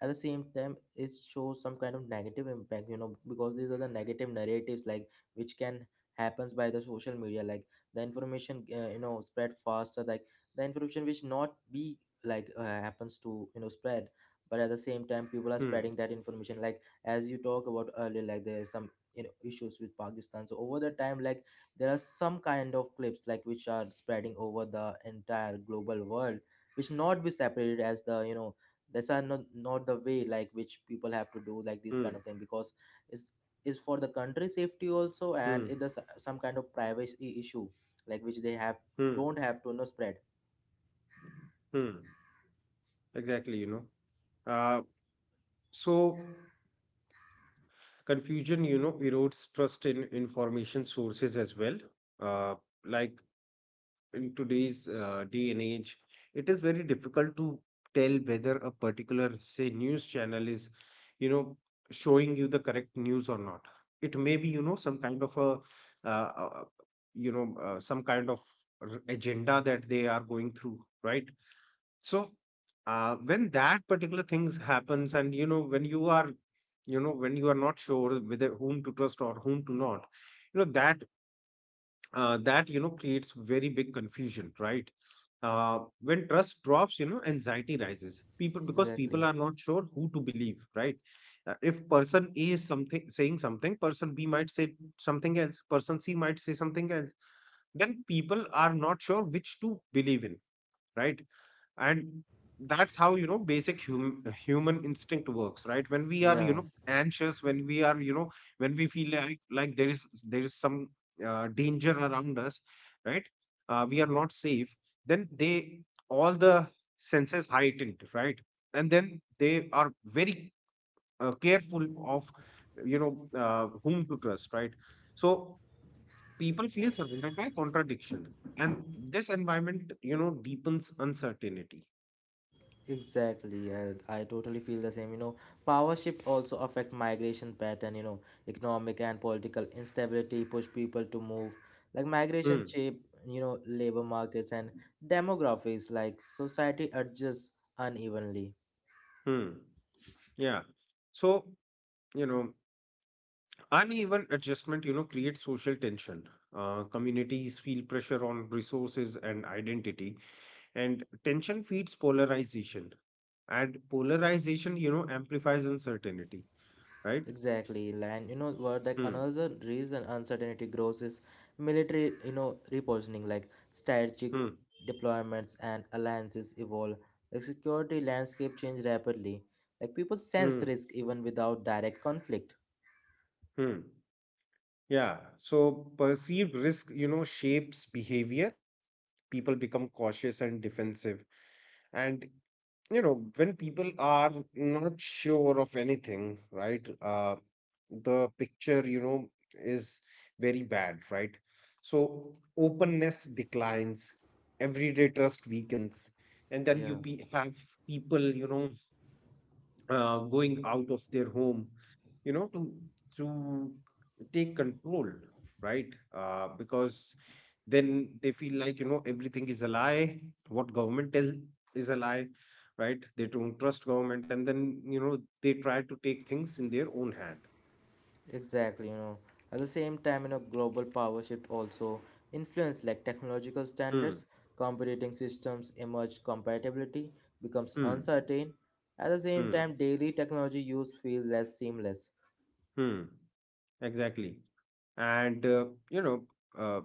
Speaker 1: at the same time it shows some kind of negative impact, you know, because these are the negative narratives like which can happens by the social media, like the information you know spread faster, like the information which not be like happens to, you know, spread, but at the same time people are
Speaker 2: hmm
Speaker 1: spreading that information, like as you talk about earlier, like there is some, you know, issues with Pakistan, so over the time like there are some kind of clips like which are spreading over the entire global world, which not be separated as the, you know, that's are not not the way like which people have to do like this kind
Speaker 2: hmm
Speaker 1: of thing, because it's is for the country safety also
Speaker 2: hmm
Speaker 1: and it is some kind of privacy issue like which they have
Speaker 2: hmm
Speaker 1: don't have to, you know, spread.
Speaker 2: hmm exactly, you know. Uh so confusion, you know, erodes trust in information sources as well. Uh, like in today's day and age, it is very difficult to tell whether a particular, say, news channel is, you know, showing you the correct news or not. It may be, you know, some kind of a, uh, uh, you know, some kind of agenda that they are going through, right? So when that particular things happens, and you know, when you are, you know, when you are not sure whether whom to trust or whom to not, you know, that that, you know, creates very big confusion, right? When trust drops, you know, anxiety rises, people, because people
Speaker 1: Exactly,
Speaker 2: are not sure who to believe, right? If person A is something saying something, person B might say something else, person C might say something else, then people are not sure which to believe in, right? And that's how, you know, basic human instinct works, right? When we are, you
Speaker 1: yeah.
Speaker 2: know, anxious, when we are, you know, when we feel like there is some danger around us, right? We are not safe, then they, all the senses heightened, right? And then they are very careful of, you know, whom to trust, right? So people feel surrounded by contradiction, and this environment, you know, deepens uncertainty.
Speaker 1: Exactly, and I totally feel the same. You know, power shift also affect migration pattern. You know, economic and political instability push people to move. Like migration
Speaker 2: Hmm.
Speaker 1: shape, you know, labor markets and demographics. Like society adjusts unevenly.
Speaker 2: Hmm. Yeah. So, you know, uneven adjustment, you know, creates social tension. Communities feel pressure on resources and identity, and tension feeds polarization. And polarization, you know, amplifies uncertainty, right?
Speaker 1: Exactly, and you know what? Like
Speaker 2: Hmm.
Speaker 1: another reason uncertainty grows is military, you know, repositioning. Like strategic
Speaker 2: Hmm.
Speaker 1: deployments and alliances evolve. The security landscape change rapidly. Like people sense
Speaker 2: Hmm.
Speaker 1: risk even without direct conflict.
Speaker 2: Hmm. Yeah. So perceived risk, you know, shapes behavior. People become cautious and defensive. And you know, when people are not sure of anything, right, the picture, you know, is very bad, right? So openness declines, everyday trust weakens, and then you
Speaker 1: Yeah.
Speaker 2: have people, you know, going out of their home, you know, to take control, right? Because then they feel like, you know, everything is a lie, what government tells is a lie, right? They don't trust government, and then, you know, they try to take things in their own hand.
Speaker 1: Exactly, you know. At the same time, you know, global power shift also influence like technological
Speaker 2: Hmm
Speaker 1: standards, competing systems emerge, compatibility becomes
Speaker 2: hmm
Speaker 1: uncertain. At the same
Speaker 2: hmm
Speaker 1: time, daily technology use feel less seamless.
Speaker 2: hmm exactly. And you know, uh,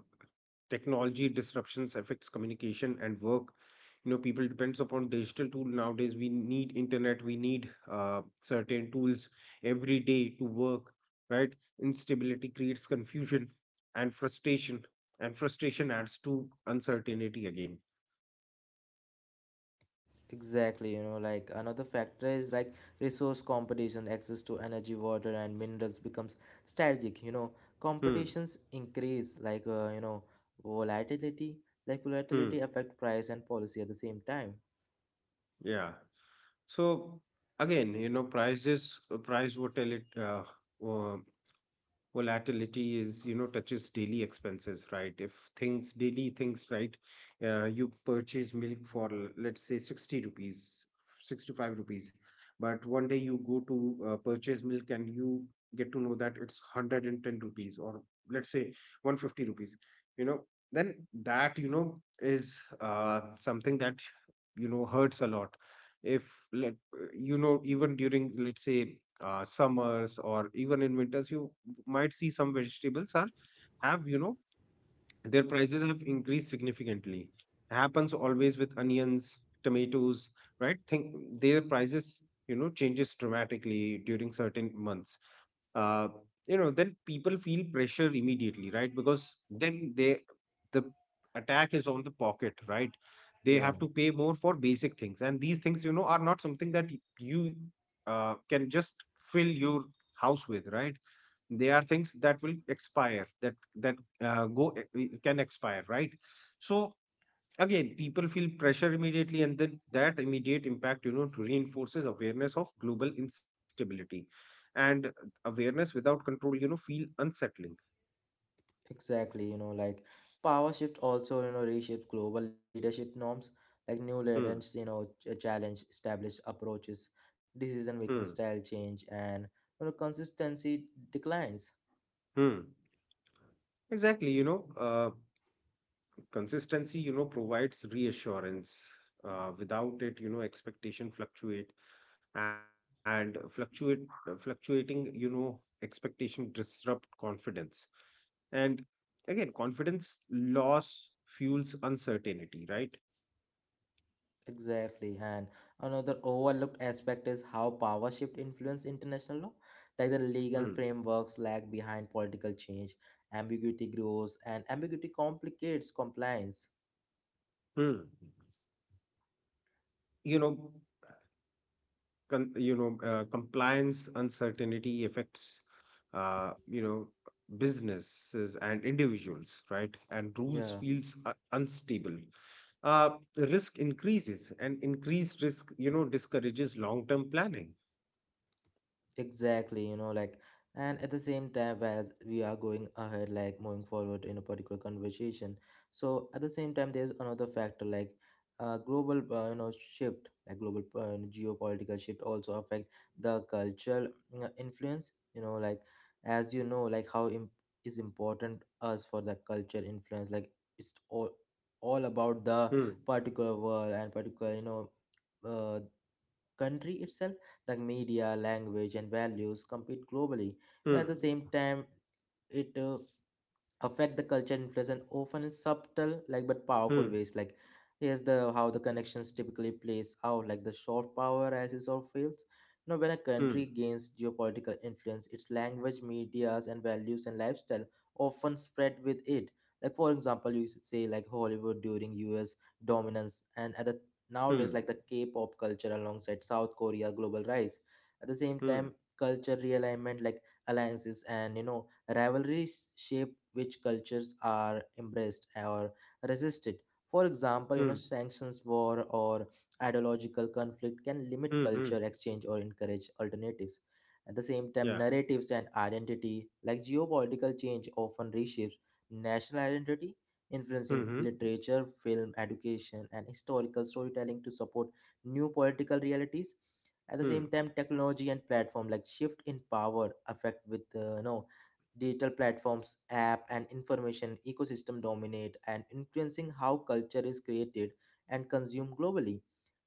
Speaker 2: technology disruptions affects communication and work. You know, people depends upon digital tool nowadays. We need internet, we need certain tools every day to work, right? Instability creates confusion and frustration, and frustration adds to uncertainty again.
Speaker 1: Exactly, you know, like another factor is like resource competition, access to energy, water, and minerals becomes strategic. You know,
Speaker 2: Hmm
Speaker 1: competitions increase, like you know, volatility, like
Speaker 2: hmm
Speaker 1: volatility affect price and policy at the same time.
Speaker 2: yeah. So again, you know, price volatility, uh, volatility is, you know, touches daily expenses, right? If things, daily things, right? You purchase milk for, let's say, 60 rupees, 65 rupees, but one day you go to purchase milk and you get to know that it's 110 rupees, or let's say 150 rupees, you know. Then that, you know, is something that, you know, hurts a lot. If let, you know, even during let's say summers or even in winters, you might see some vegetables are, have, you know, their prices have increased significantly. Happens always with onions, tomatoes, right? Think their prices, you know, changes dramatically during certain months. Uh, you know, then people feel pressure immediately, right? Because then they, the attack is on the pocket, right? They
Speaker 1: Yeah.
Speaker 2: have to pay more for basic things, and these things, you know, are not something that you can just fill your house with, right? They are things that will expire that can expire, right? So again, people feel pressure immediately, and then that immediate impact, you know, reinforces awareness of global instability, and awareness without control, you know, feel unsettling.
Speaker 1: Exactly, you know, like power shift also, you know, reshapes global leadership norms, like new leaders,
Speaker 2: hmm
Speaker 1: you know, challenge established approaches, decision making
Speaker 2: hmm
Speaker 1: style change, and you know, consistency declines.
Speaker 2: hmm exactly, you know, consistency, you know, provides reassurance. Without it, you know, expectation fluctuate. And fluctuate Fluctuating, you know, expectation disrupt confidence. And again, confidence loss fuels uncertainty, right?
Speaker 1: Exactly, and another overlooked aspect is how power shift influence international law, like the
Speaker 2: Hmm.
Speaker 1: legal frameworks lag behind political change, ambiguity grows, and ambiguity complicates compliance.
Speaker 2: Hmm. You know, you know, compliance uncertainty affects, you know, businesses and individuals, right? And rules
Speaker 1: Yeah.
Speaker 2: feels unstable. The risk increases, and increased risk, you know, discourages long term planning.
Speaker 1: Exactly, you know, like, and at the same time, as we are going ahead, like moving forward in a particular conversation, so at the same time, there's another factor like global, you know, shift, like global geopolitical shift also affect the cultural influence. You know, like as you know, like how is important us for the culture influence. Like it's all about the
Speaker 2: Hmm.
Speaker 1: particular world and particular, you know, uh, country itself, the media, language, and values compete globally. Now,
Speaker 2: Hmm.
Speaker 1: at the same time, it affect the culture influence and often in subtle like but powerful
Speaker 2: Hmm.
Speaker 1: ways, like here's the how the connections typically plays out, like the short power rises or fails, you know, when a
Speaker 2: Hmm.
Speaker 1: country gains geopolitical influence, its language, medias and values and lifestyle often spread with it, like for example you should say like Hollywood during US dominance and at the nowadays
Speaker 2: Hmm.
Speaker 1: like the K-pop culture alongside South Korea global rise. At the same
Speaker 2: Hmm.
Speaker 1: time culture realignment, like alliances and, you know, rivalries shape which cultures are embraced or resisted. For example, you know,
Speaker 2: Hmm.
Speaker 1: sanctions, war, or ideological conflict can limit
Speaker 2: Hmm. Hmm.
Speaker 1: culture exchange or encourage alternatives. At the same time,
Speaker 2: Yeah.
Speaker 1: narratives and identity, like geopolitical change, often reshapes national identity, influencing
Speaker 2: hmm hmm
Speaker 1: literature, film, education, and historical storytelling to support new political realities. At the same
Speaker 2: Hmm.
Speaker 1: time, technology and platform like shift in power affect with no digital platforms, app, and information ecosystem dominate and influencing how culture is created and consumed globally.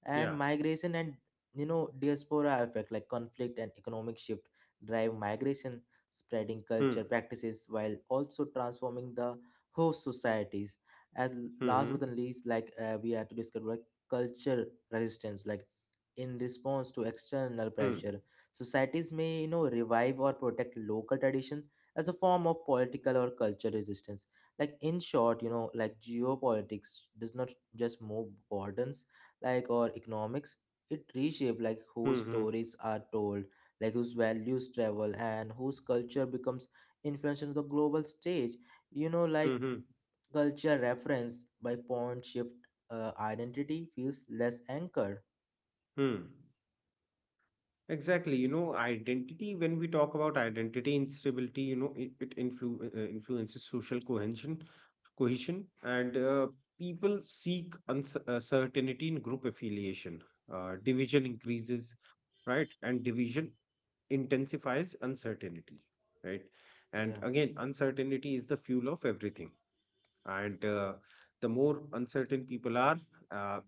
Speaker 1: And
Speaker 2: Yeah.
Speaker 1: migration and, you know, diaspora effect, like conflict and economic shift drive migration, spreading
Speaker 2: hmm
Speaker 1: culture practices while also transforming the host societies. And last but
Speaker 2: hmm
Speaker 1: not least, like we have to discuss like culture resistance, like in response to external
Speaker 2: hmm
Speaker 1: pressure, societies may, you know, revive or protect local tradition as a form of political or cultural resistance. Like in short, you know, like geopolitics does not just move borders, like or economics. It reshapes like whose
Speaker 2: hmm hmm
Speaker 1: stories are told, like whose values travel, and whose culture becomes influential on the global stage. You know, like
Speaker 2: hmm hmm
Speaker 1: culture reference by point shift identity feels less anchored.
Speaker 2: Hmm. Exactly, you know, identity, when we talk about identity instability, you know, it influences social cohesion, and people seek certainty in group affiliation. Division increases, right? And division intensifies uncertainty, right? And
Speaker 1: Yeah.
Speaker 2: again, uncertainty is the fuel of everything. And the more uncertain people are, uh,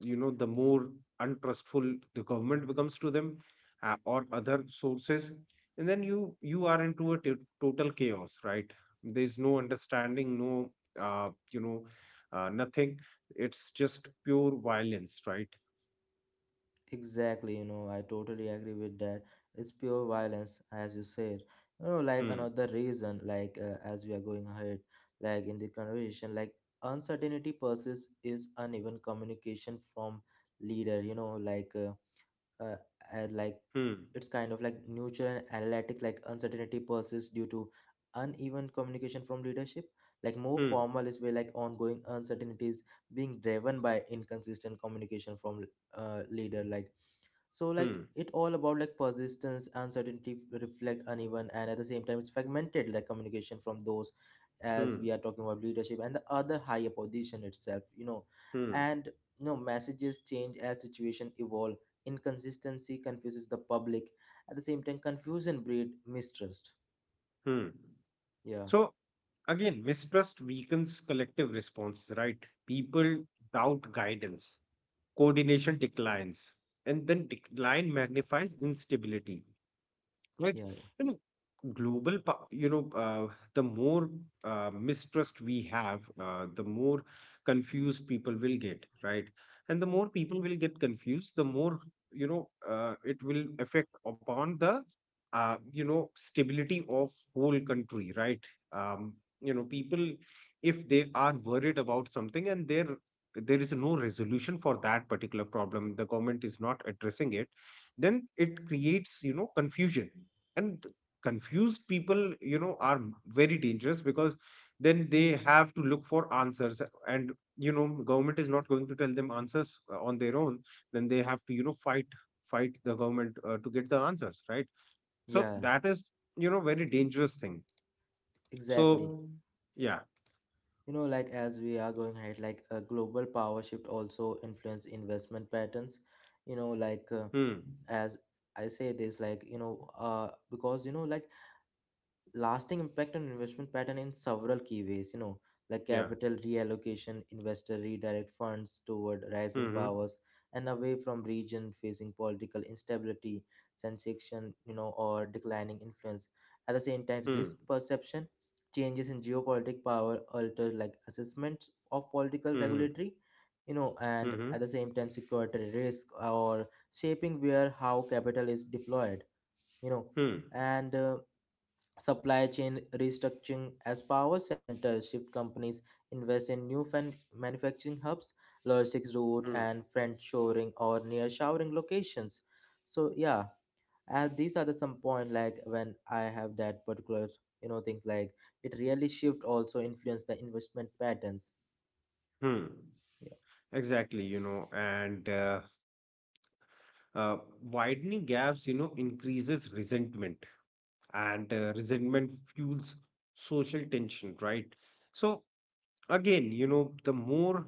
Speaker 2: you know, the more untrustful the government becomes to them, or other sources. And then you are into a total chaos, right? There's no understanding, no, you know, nothing. It's just pure violence, right?
Speaker 1: Exactly, you know, I totally agree with that. It's pure violence, as you said. You know, like
Speaker 2: hmm
Speaker 1: another reason, like as we are going ahead, like in the conversation, like uncertainty persists is uneven communication from leader. You know, uh, like
Speaker 2: hmm
Speaker 1: it's kind of like neutral and analytic, like uncertainty persists due to uneven communication from leadership, like more
Speaker 2: hmm
Speaker 1: formal is where like ongoing uncertainties being driven by inconsistent communication from leader, like so like
Speaker 2: hmm
Speaker 1: it all about like persistence uncertainty reflect uneven and at the same time it's fragmented, like communication from those, as
Speaker 2: hmm
Speaker 1: we are talking about leadership and the other higher position itself, you know.
Speaker 2: hmm
Speaker 1: And you know, messages change as situation evolve, inconsistency confuses the public. At the same time, confusion breed mistrust.
Speaker 2: hmm
Speaker 1: Yeah,
Speaker 2: so again, mistrust weakens collective responses, right? People doubt guidance, coordination declines, and then decline magnifies instability. Right?
Speaker 1: yeah, yeah,
Speaker 2: You know, you know, the more mistrust we have, the more confused people will get, right? And the more people will get confused, the more, you know, it will affect upon the, you know, stability of whole country, right? Um, you know, people, if they are worried about something and they're there is no resolution for that particular problem, the government is not addressing it, then it creates, you know, confusion. and th- Confused people, you know, are very dangerous, because then they have to look for answers. And you know, government is not going to tell them answers on their own. Then they have to, you know, fight the government to get the answers, right? So
Speaker 1: yeah,
Speaker 2: that is, you know, very dangerous thing.
Speaker 1: exactly.
Speaker 2: So yeah.
Speaker 1: You know, like as we are going ahead, like a global power shift also influence investment patterns. You know, like
Speaker 2: hmm
Speaker 1: as I say this, like you know, because you know, like lasting impact on investment pattern in several key ways, you know, like
Speaker 2: yeah
Speaker 1: capital reallocation, investor redirect funds toward rising
Speaker 2: hmm
Speaker 1: powers and away from region facing political instability, sensation, you know, or declining influence. At the same time,
Speaker 2: hmm
Speaker 1: risk perception changes in geopolitical power alter like assessments of political
Speaker 2: hmm
Speaker 1: regulatory, you know, and
Speaker 2: hmm
Speaker 1: at the same time security risk or shaping where how capital is deployed, you know.
Speaker 2: hmm
Speaker 1: And supply chain restructuring as power centers shift, companies invest in new manufacturing hubs, logistics route,
Speaker 2: hmm
Speaker 1: and friend shoring or near showering locations. So yeah, and these are the some point like when I have that particular things like it really shift also influence the investment patterns.
Speaker 2: hmm
Speaker 1: Yeah.
Speaker 2: Exactly, you know, and uh, widening gaps, you know, increases resentment, and resentment fuels social tension, right? So again, you know, the more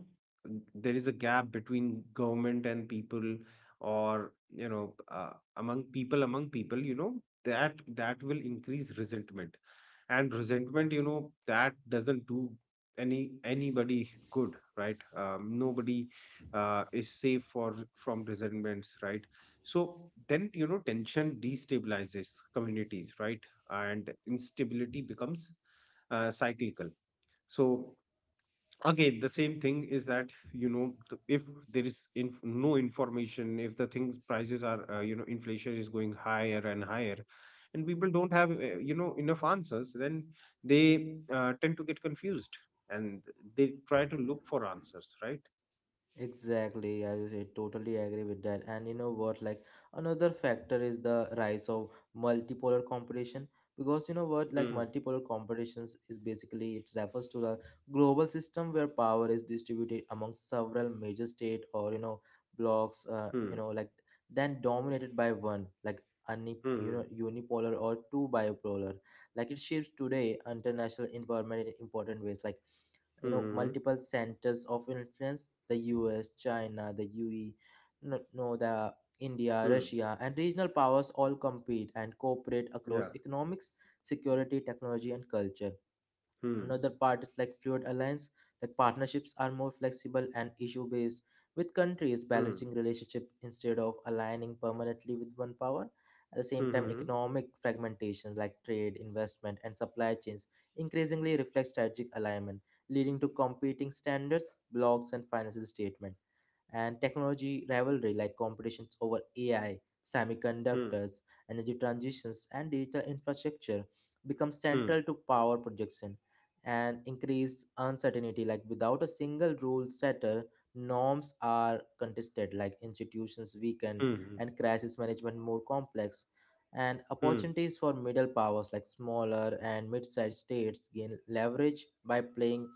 Speaker 2: there is a gap between government and people, or you know, among people, you know, that will increase resentment. And resentment, you know, that doesn't do any anybody good, right? Nobody is safe for from resentments, right? So then, you know, tension destabilizes communities, right? And instability becomes cyclical. So again, the same thing is that, you know, if there is no information, if the things prices are, you know, inflation is going higher and higher, and people don't have, you know, enough answers, then they tend to get confused and they try to look for answers, right?
Speaker 1: Exactly, as you said, totally agree with that. And you know what, like another factor is the rise of multipolar competition. Because you know what, like
Speaker 2: hmm
Speaker 1: multipolar competitions is basically it refers to the global system where power is distributed among several major state or you know blocks,
Speaker 2: hmm
Speaker 1: you know like then dominated by one like you
Speaker 2: hmm
Speaker 1: know unipolar or two bipolar. Like it shapes today international environment in important ways, like you know
Speaker 2: hmm
Speaker 1: multiple centers of influence the US, China, the UE, no, no, the India,
Speaker 2: hmm
Speaker 1: Russia, and regional powers all compete and cooperate
Speaker 2: yeah
Speaker 1: across economics, security, technology, and culture. Another
Speaker 2: hmm
Speaker 1: part is like fluid alliance, like partnerships are more flexible and issue based, with countries
Speaker 2: hmm
Speaker 1: balancing relationship instead of aligning permanently with one power. At the same time,
Speaker 2: hmm
Speaker 1: economic fragmentation like trade, investment, and supply chains increasingly reflect strategic alignment, leading to competing standards, blocs, and financial statement and technology rivalry like competitions over AI,
Speaker 2: hmm
Speaker 1: semiconductors, energy transitions, and digital infrastructure become
Speaker 2: hmm
Speaker 1: central to power projection and increase uncertainty like without a single rule setter norms are contested like institutions weaken
Speaker 2: hmm
Speaker 1: and crisis management more complex and
Speaker 2: hmm
Speaker 1: opportunities for middle powers like smaller and mid-sized states gain leverage by playing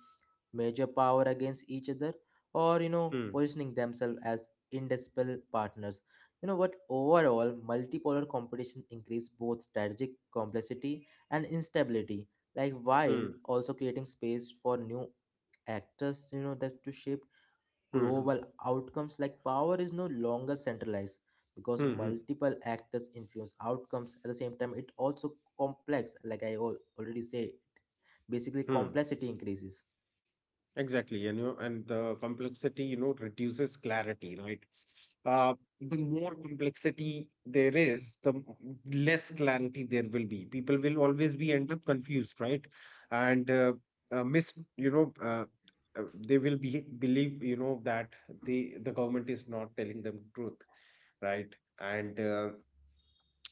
Speaker 1: major power against each other or you know
Speaker 2: hmm
Speaker 1: positioning themselves as indispensable partners. You know what, overall multipolar competition increase both strategic complexity and instability like while
Speaker 2: hmm
Speaker 1: also creating space for new actors you know that to shape
Speaker 2: hmm
Speaker 1: global outcomes like power is no longer centralized because
Speaker 2: hmm hmm
Speaker 1: multiple actors influence outcomes at the same time it also complex like already say basically
Speaker 2: hmm
Speaker 1: complexity increases.
Speaker 2: Exactly, and you know, and the complexity, you know, reduces clarity, right? Uh, the more complexity there is, the less clarity there will be. People will always be end up confused, right? And you know, they will be believe, you know, that the government is not telling them truth, right? And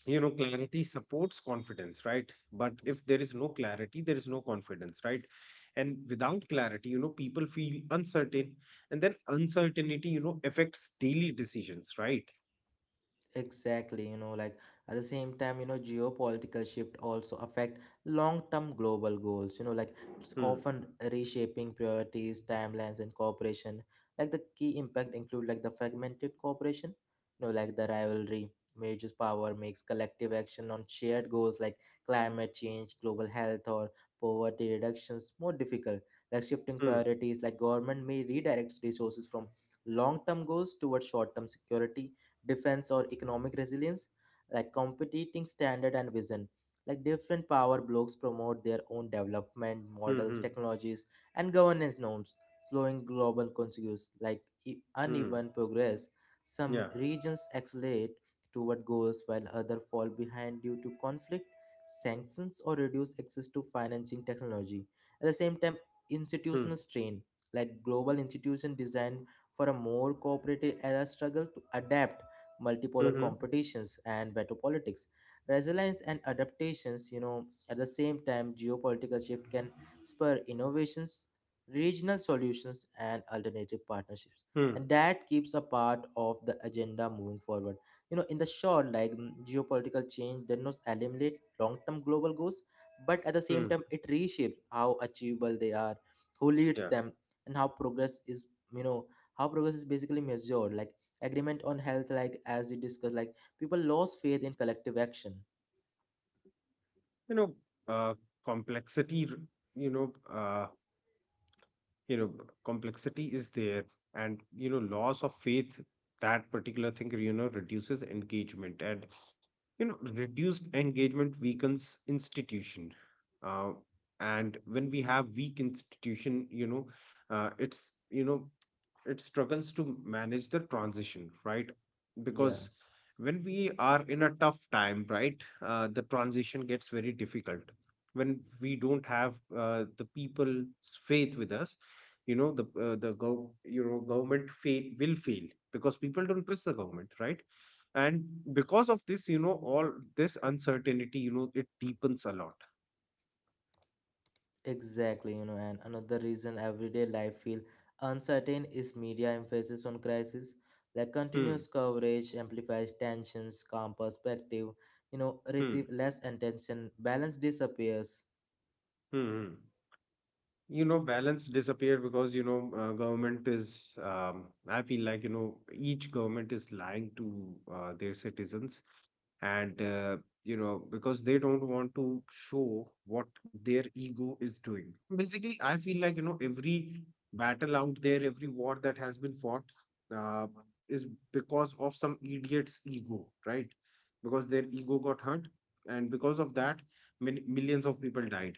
Speaker 2: you know, clarity supports confidence, right? But if there is no clarity, there is no confidence, right? And without clarity, you know, people feel uncertain, and then uncertainty, you know, affects daily decisions, right?
Speaker 1: Exactly, you know, like at the same time, you know, geopolitical shift also affect long-term global goals. You know, like it's
Speaker 2: hmm
Speaker 1: often reshaping priorities, timelines, and cooperation. Like the key impact include like the fragmented cooperation, you know, like the rivalry, majors power makes collective action on shared goals like climate change, global health, or poverty reductions more difficult. Like shifting
Speaker 2: hmm
Speaker 1: priorities, like government may redirect resources from long-term goals towards short-term security defense or economic resilience like competing standard and vision like different power blocks promote their own development
Speaker 2: hmm
Speaker 1: models
Speaker 2: hmm
Speaker 1: technologies and governance norms slowing global consensus like
Speaker 2: hmm
Speaker 1: uneven progress some
Speaker 2: yeah
Speaker 1: regions accelerate toward goals while others fall behind due to conflict sanctions or reduced access to financing technology. At the same time,
Speaker 2: hmm
Speaker 1: institutional strain like global institutions designed for a more cooperative era struggle to adapt multipolar
Speaker 2: hmm
Speaker 1: competitions and better politics resilience and adaptations, you know, at the same time geopolitical shift can spur innovations regional solutions and alternative partnerships
Speaker 2: hmm
Speaker 1: and that keeps a part of the agenda moving forward. You know, in the short like geopolitical change does not eliminate long-term global goals but at the same
Speaker 2: hmm
Speaker 1: time it reshapes how achievable they are, who leads
Speaker 2: yeah
Speaker 1: them, and how progress is, you know, how progress is basically measured like agreement on health like as we discussed like people lost faith in collective action.
Speaker 2: You know, uh complexity r- you know, you know, complexity is there, and you know, loss of faith, that particular thing, you know, reduces engagement. And you know, reduced engagement weakens institution. uh, and when we have weak institution, you know, it's, you know, it struggles to manage the transition, right?
Speaker 1: Yeah,
Speaker 2: Because when we are in a tough time, right, the transition gets very difficult when we don't have, the people's faith with us. You know, the, the gov you know, government fail will fail, because people don't trust the government, right? And because of this, you know, all this uncertainty, you know, it deepens a lot.
Speaker 1: exactly, you know, and another reason everyday life feel uncertain is media emphasis on crisis like
Speaker 2: hmm
Speaker 1: continuous coverage amplifies tensions calm perspective you know receive
Speaker 2: hmm
Speaker 1: less attention balance disappears.
Speaker 2: hmm, hmm. You know, balance disappear because, you know, government is, um, I feel like, you know, each government is lying to their citizens. And you know, because they don't want to show what their ego is doing. Basically, I feel like, you know, every battle out there, every war that has been fought, uh, is because of some idiot's ego, right? Because their ego got hurt, and because of that, millions of people died,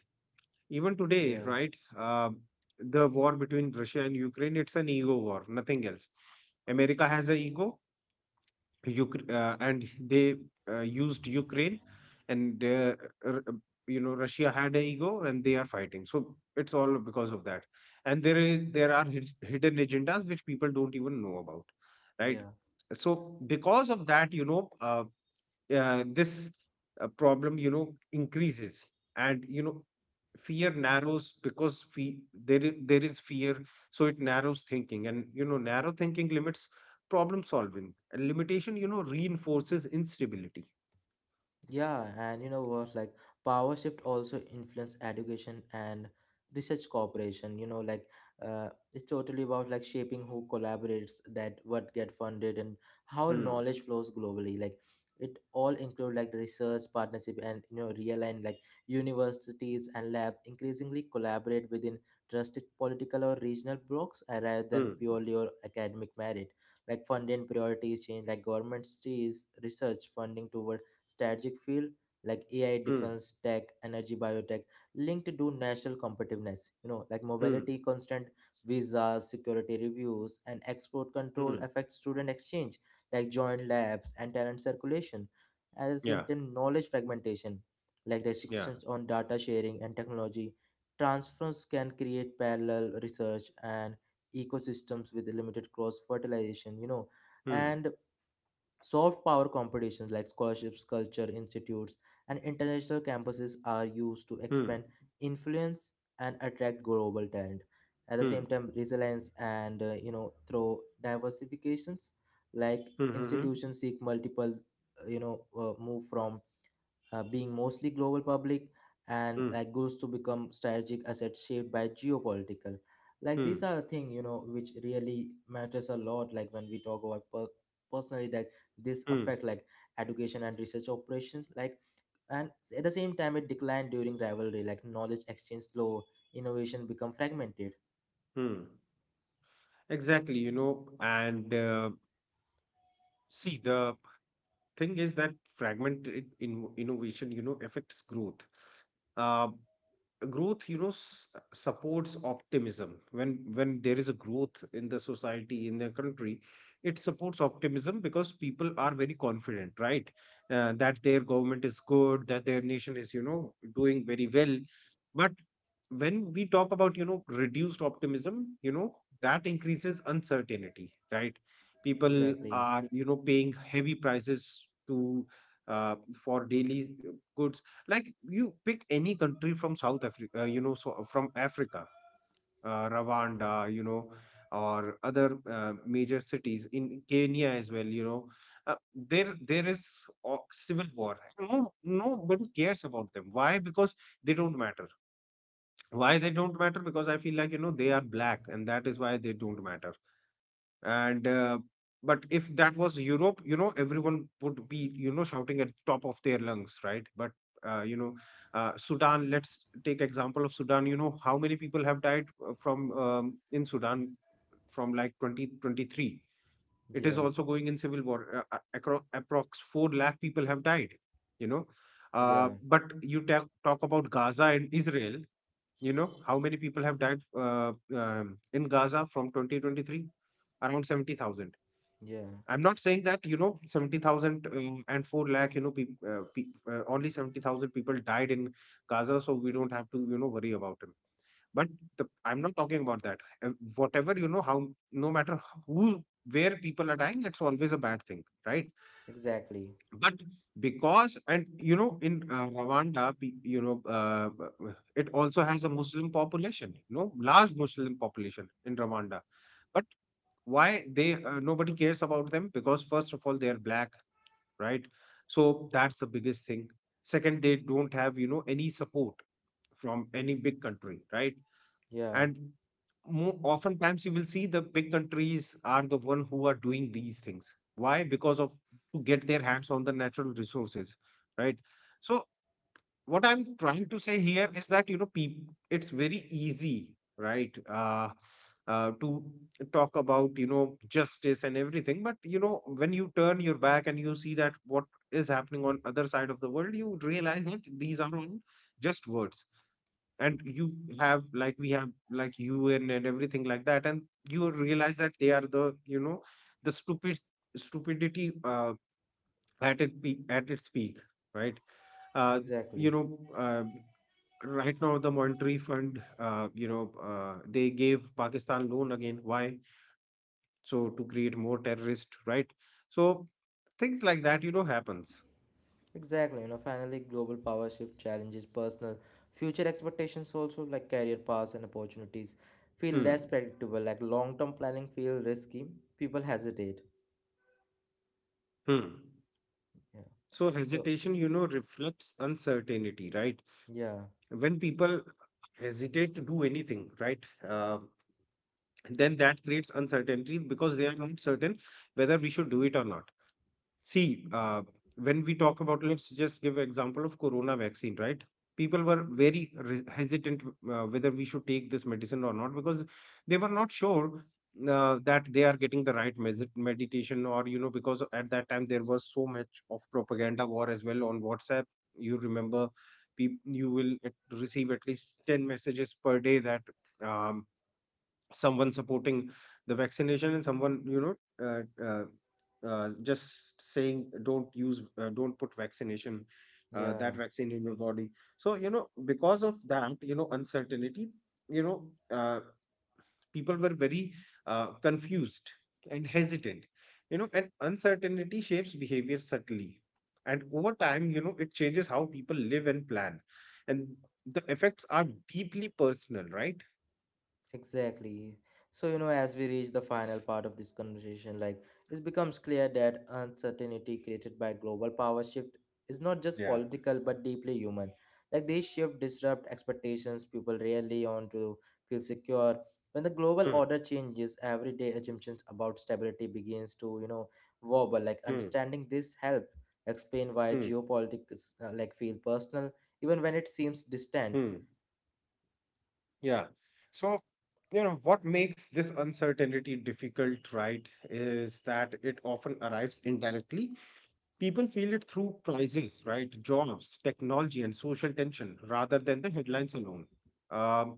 Speaker 2: even today,
Speaker 1: Yeah,
Speaker 2: right? The war between Russia and Ukraine, it's an ego war, nothing else. America has an ego, Ukr and they used Ukraine, and r- uh, you know, Russia had an ego, and they are fighting. So it's all because of that. And there are hidden agendas which people don't even know about, right?
Speaker 1: yeah.
Speaker 2: So because of that, you know, this problem, you know, increases. And you know, fear narrows, because there is fear, so it narrows thinking. And you know, narrow thinking limits problem solving, and limitation, you know, reinforces instability.
Speaker 1: Yeah, and you know what? Like power shift also influence education and research cooperation. You know, like it's totally about like shaping who collaborates, that what get funded, and how
Speaker 2: Hmm
Speaker 1: knowledge flows globally. Like it all include like research partnership and you know realign like universities and lab increasingly collaborate within trusted political or regional blocks, rather than
Speaker 2: hmm
Speaker 1: purely or academic merit. Like funding priorities change, like governments sees research funding toward strategic field like AI,
Speaker 2: hmm
Speaker 1: defense, tech, energy, biotech, linked to national competitiveness, you know, like
Speaker 2: hmm
Speaker 1: mobility, constant visas, security reviews, and export control
Speaker 2: hmm
Speaker 1: affect student exchange, like joint labs and talent circulation. At the same
Speaker 2: yeah
Speaker 1: time, knowledge fragmentation, like
Speaker 2: yeah
Speaker 1: restrictions on data sharing and technology transfers can create parallel research and ecosystems with limited cross fertilization, you know.
Speaker 2: hmm
Speaker 1: And soft power competitions like scholarships, culture institutes, and international campuses are used to
Speaker 2: hmm
Speaker 1: expand influence and attract global talent. At the same
Speaker 2: hmm
Speaker 1: time, resilience and you know through diversifications, like
Speaker 2: hmm hmm
Speaker 1: institutions seek multiple, you know, move from being mostly global public and
Speaker 2: hmm
Speaker 1: like goes to become strategic assets shaped by geopolitical like these
Speaker 2: hmm
Speaker 1: are a thing you know which really matters a lot like when we talk about personally that this
Speaker 2: hmm
Speaker 1: affect like education and research operations like and at the same time it declined during rivalry like knowledge exchange slow innovation become fragmented.
Speaker 2: hmm Exactly, you know, and see, the thing is that fragmented innovation, you know, affects growth. uh, Growth, you know, supports optimism. When there is a growth in the society, in the country, it supports optimism, because people are very confident, right, that their government is good, that their nation is, you know, doing very well. But when we talk about, you know, reduced optimism, you know, that increases uncertainty, right? People
Speaker 1: Exactly.
Speaker 2: are, you know, paying heavy prices to, for daily goods. Like, you pick any country from South Africa, you know, so from Africa, Rwanda, you know, or other major cities in Kenya as well, you know, there is civil war. No, nobody cares about them. Why? Because they don't matter. Why they don't matter? Because I feel like, you know, they are black, and that is why they don't matter. And but if that was Europe, you know, everyone would be, you know, shouting at top of their lungs, right? But you know, Sudan, let's take example of Sudan. You know, how many people have died, from in Sudan, from like 2023? It
Speaker 1: Yeah,
Speaker 2: is also going in civil war. Across approx 4 lakh people have died, you know.
Speaker 1: yeah,
Speaker 2: But you talk about Gaza and Israel, you know, how many people have died, in Gaza from 2023? Around 70,000.
Speaker 1: yeah,
Speaker 2: I'm not saying that, you know, 70,000 and 4 lakh, you know, peop pe only 70,000 people died in Gaza, so we don't have to, you know, worry about him. But I'm not talking about that. Whatever, you know, how, no matter who, where people are dying, it's always a bad thing, right?
Speaker 1: exactly.
Speaker 2: But because, and, you know, in Rwanda, you know, it also has a Muslim population, you know, large Muslim population in Rwanda. But why they nobody cares about them? Because first of all, they are black, right? So that's the biggest thing. Second, they don't have, you know, any support from any big country, right?
Speaker 1: Yeah.
Speaker 2: And more oftentimes you will see the big countries are the one who are doing these things. Why? Because of to get their hands on the natural resources, right? So what I'm trying to say here is that, you know, it's very easy, right, to talk about, you know, justice and everything. But you know, when you turn your back and you see that what is happening on other side of the world, you realize that these are on just words. And you have, like we have, like UN and everything like that, and you realize that they are the, you know, the stupidity at at its peak, right? Uh, you
Speaker 1: Exactly.
Speaker 2: know, right now the monetary fund, you know, they gave Pakistan loan again. Why? So to create more terrorists, right? So things like that, you know, happens.
Speaker 1: Exactly, you know, finally, global power shift challenges personal future expectations also, like career paths and opportunities feel
Speaker 2: Hmm.
Speaker 1: less predictable, like long term planning feel risky, people hesitate.
Speaker 2: Hmm.
Speaker 1: Yeah.
Speaker 2: So
Speaker 1: So,
Speaker 2: hesitation, you know, reflects uncertainty, right?
Speaker 1: yeah,
Speaker 2: When people hesitate to do anything, right? Then that creates uncertainty, because they are not certain whether we should do it or not. See, when we talk about, let's just give example of corona vaccine, right? People were very hesitant whether we should take this medicine or not, because they were not sure that they are getting the right meditation, or you know, because at that time there was so much of propaganda war as well on WhatsApp. You remember, peop you will receive at least 10 messages per day that, um, someone supporting the vaccination and someone, you know, uh, uh, just saying don't use, don't put vaccination, that
Speaker 1: yeah.
Speaker 2: vaccine in your body. So you know, because of that, you know, uncertainty, you know, uh, people were very confused and hesitant, you know. And uncertainty shapes behavior subtly, and over time, you know, it changes how people live and plan, and the effects are deeply personal, right?
Speaker 1: Exactly. So, you know, as we reach the final part of this conversation, like it becomes clear that uncertainty created by global power shift is not just
Speaker 2: yeah
Speaker 1: political but deeply human. Like these shift disrupt expectations people rarely on to feel secure. When the global
Speaker 2: Hmm.
Speaker 1: order changes, everyday assumptions about stability begins to, you know, wobble. Like
Speaker 2: hmm.
Speaker 1: understanding this help explain why
Speaker 2: Hmm.
Speaker 1: geopolitics like feel personal even when it seems distant.
Speaker 2: Hmm. Yeah. So, you know, what makes this uncertainty difficult, right, is that it often arrives indirectly. People feel it through prices, right, jobs, technology, and social tension rather than the headlines alone. Um,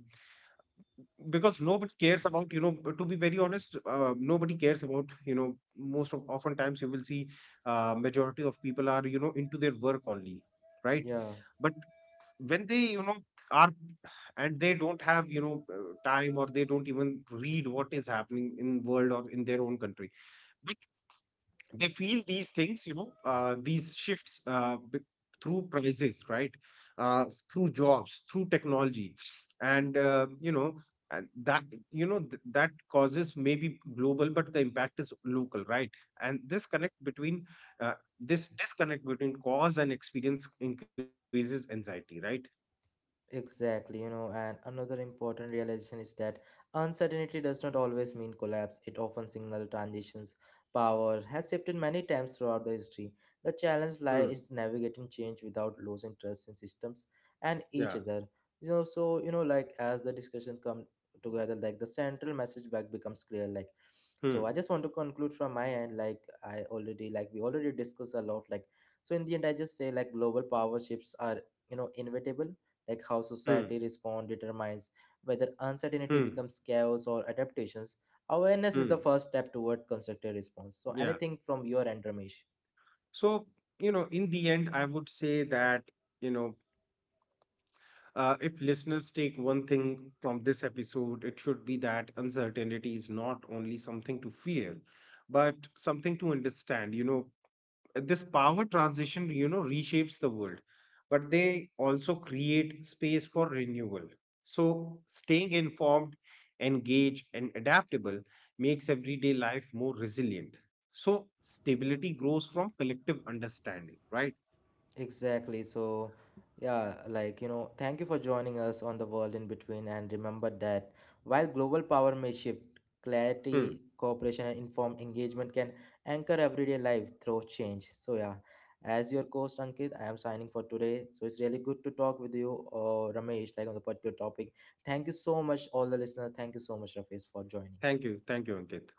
Speaker 2: because nobody cares about, you know, to be very honest, nobody cares about, you know, most of oftentimes you will see majority of people are, you know, into their work only, right?
Speaker 1: Yeah.
Speaker 2: But when they, you know, are, and they don't have, you know, time, or they don't even read what is happening in world or in their own country, but they feel these things, you know, these shifts, through prices, right, uh, through jobs, through technology, and you know, and that, you know, that causes maybe global, but the impact is local, right? And this connect between uh, this disconnect between cause and experience increases anxiety, right?
Speaker 1: Exactly, you know, and another important realization is that uncertainty does not always mean collapse. It often signals transitions. Power has shifted many times throughout the history. The challenge
Speaker 2: Mm.
Speaker 1: lies in navigating change without losing trust in systems and
Speaker 2: Yeah.
Speaker 1: each other. You know, so you know, like as the discussion come together, like the central message back becomes clear. Like,
Speaker 2: Hmm.
Speaker 1: so I just want to conclude from my end. Like I already, like we already discussed a lot. Like, so in the end, I just say like global power shifts are you know inevitable like how
Speaker 2: Hmm.
Speaker 1: society responds determines whether uncertainty
Speaker 2: Hmm.
Speaker 1: becomes chaos or adaptations. Awareness is
Speaker 2: Hmm.
Speaker 1: the first step toward constructive response. So
Speaker 2: Yeah.
Speaker 1: anything from your end, Ramesh?
Speaker 2: So, you know, in the end, I would say that, you know, if listeners take one thing from this episode, it should be that uncertainty is not only something to fear, but something to understand. You know, this power transition, you know, reshapes the world, but they also create space for renewal. So staying informed, engaged, and adaptable makes everyday life more resilient. So stability grows from collective understanding, right?
Speaker 1: Exactly. So, yeah, like, you know, thank you for joining us on The World in Between. And remember that while global power may shift,
Speaker 2: Hmm.
Speaker 1: clarity, cooperation, and informed engagement can anchor everyday life through change. So, yeah, as your host, Ankit, I am signing for today. So, it's really good to talk with you, Ramesh, like on the particular topic. Thank you so much, all the listeners. Thank you so much, Ramesh, for joining.
Speaker 2: Thank you, thank you, Ankit.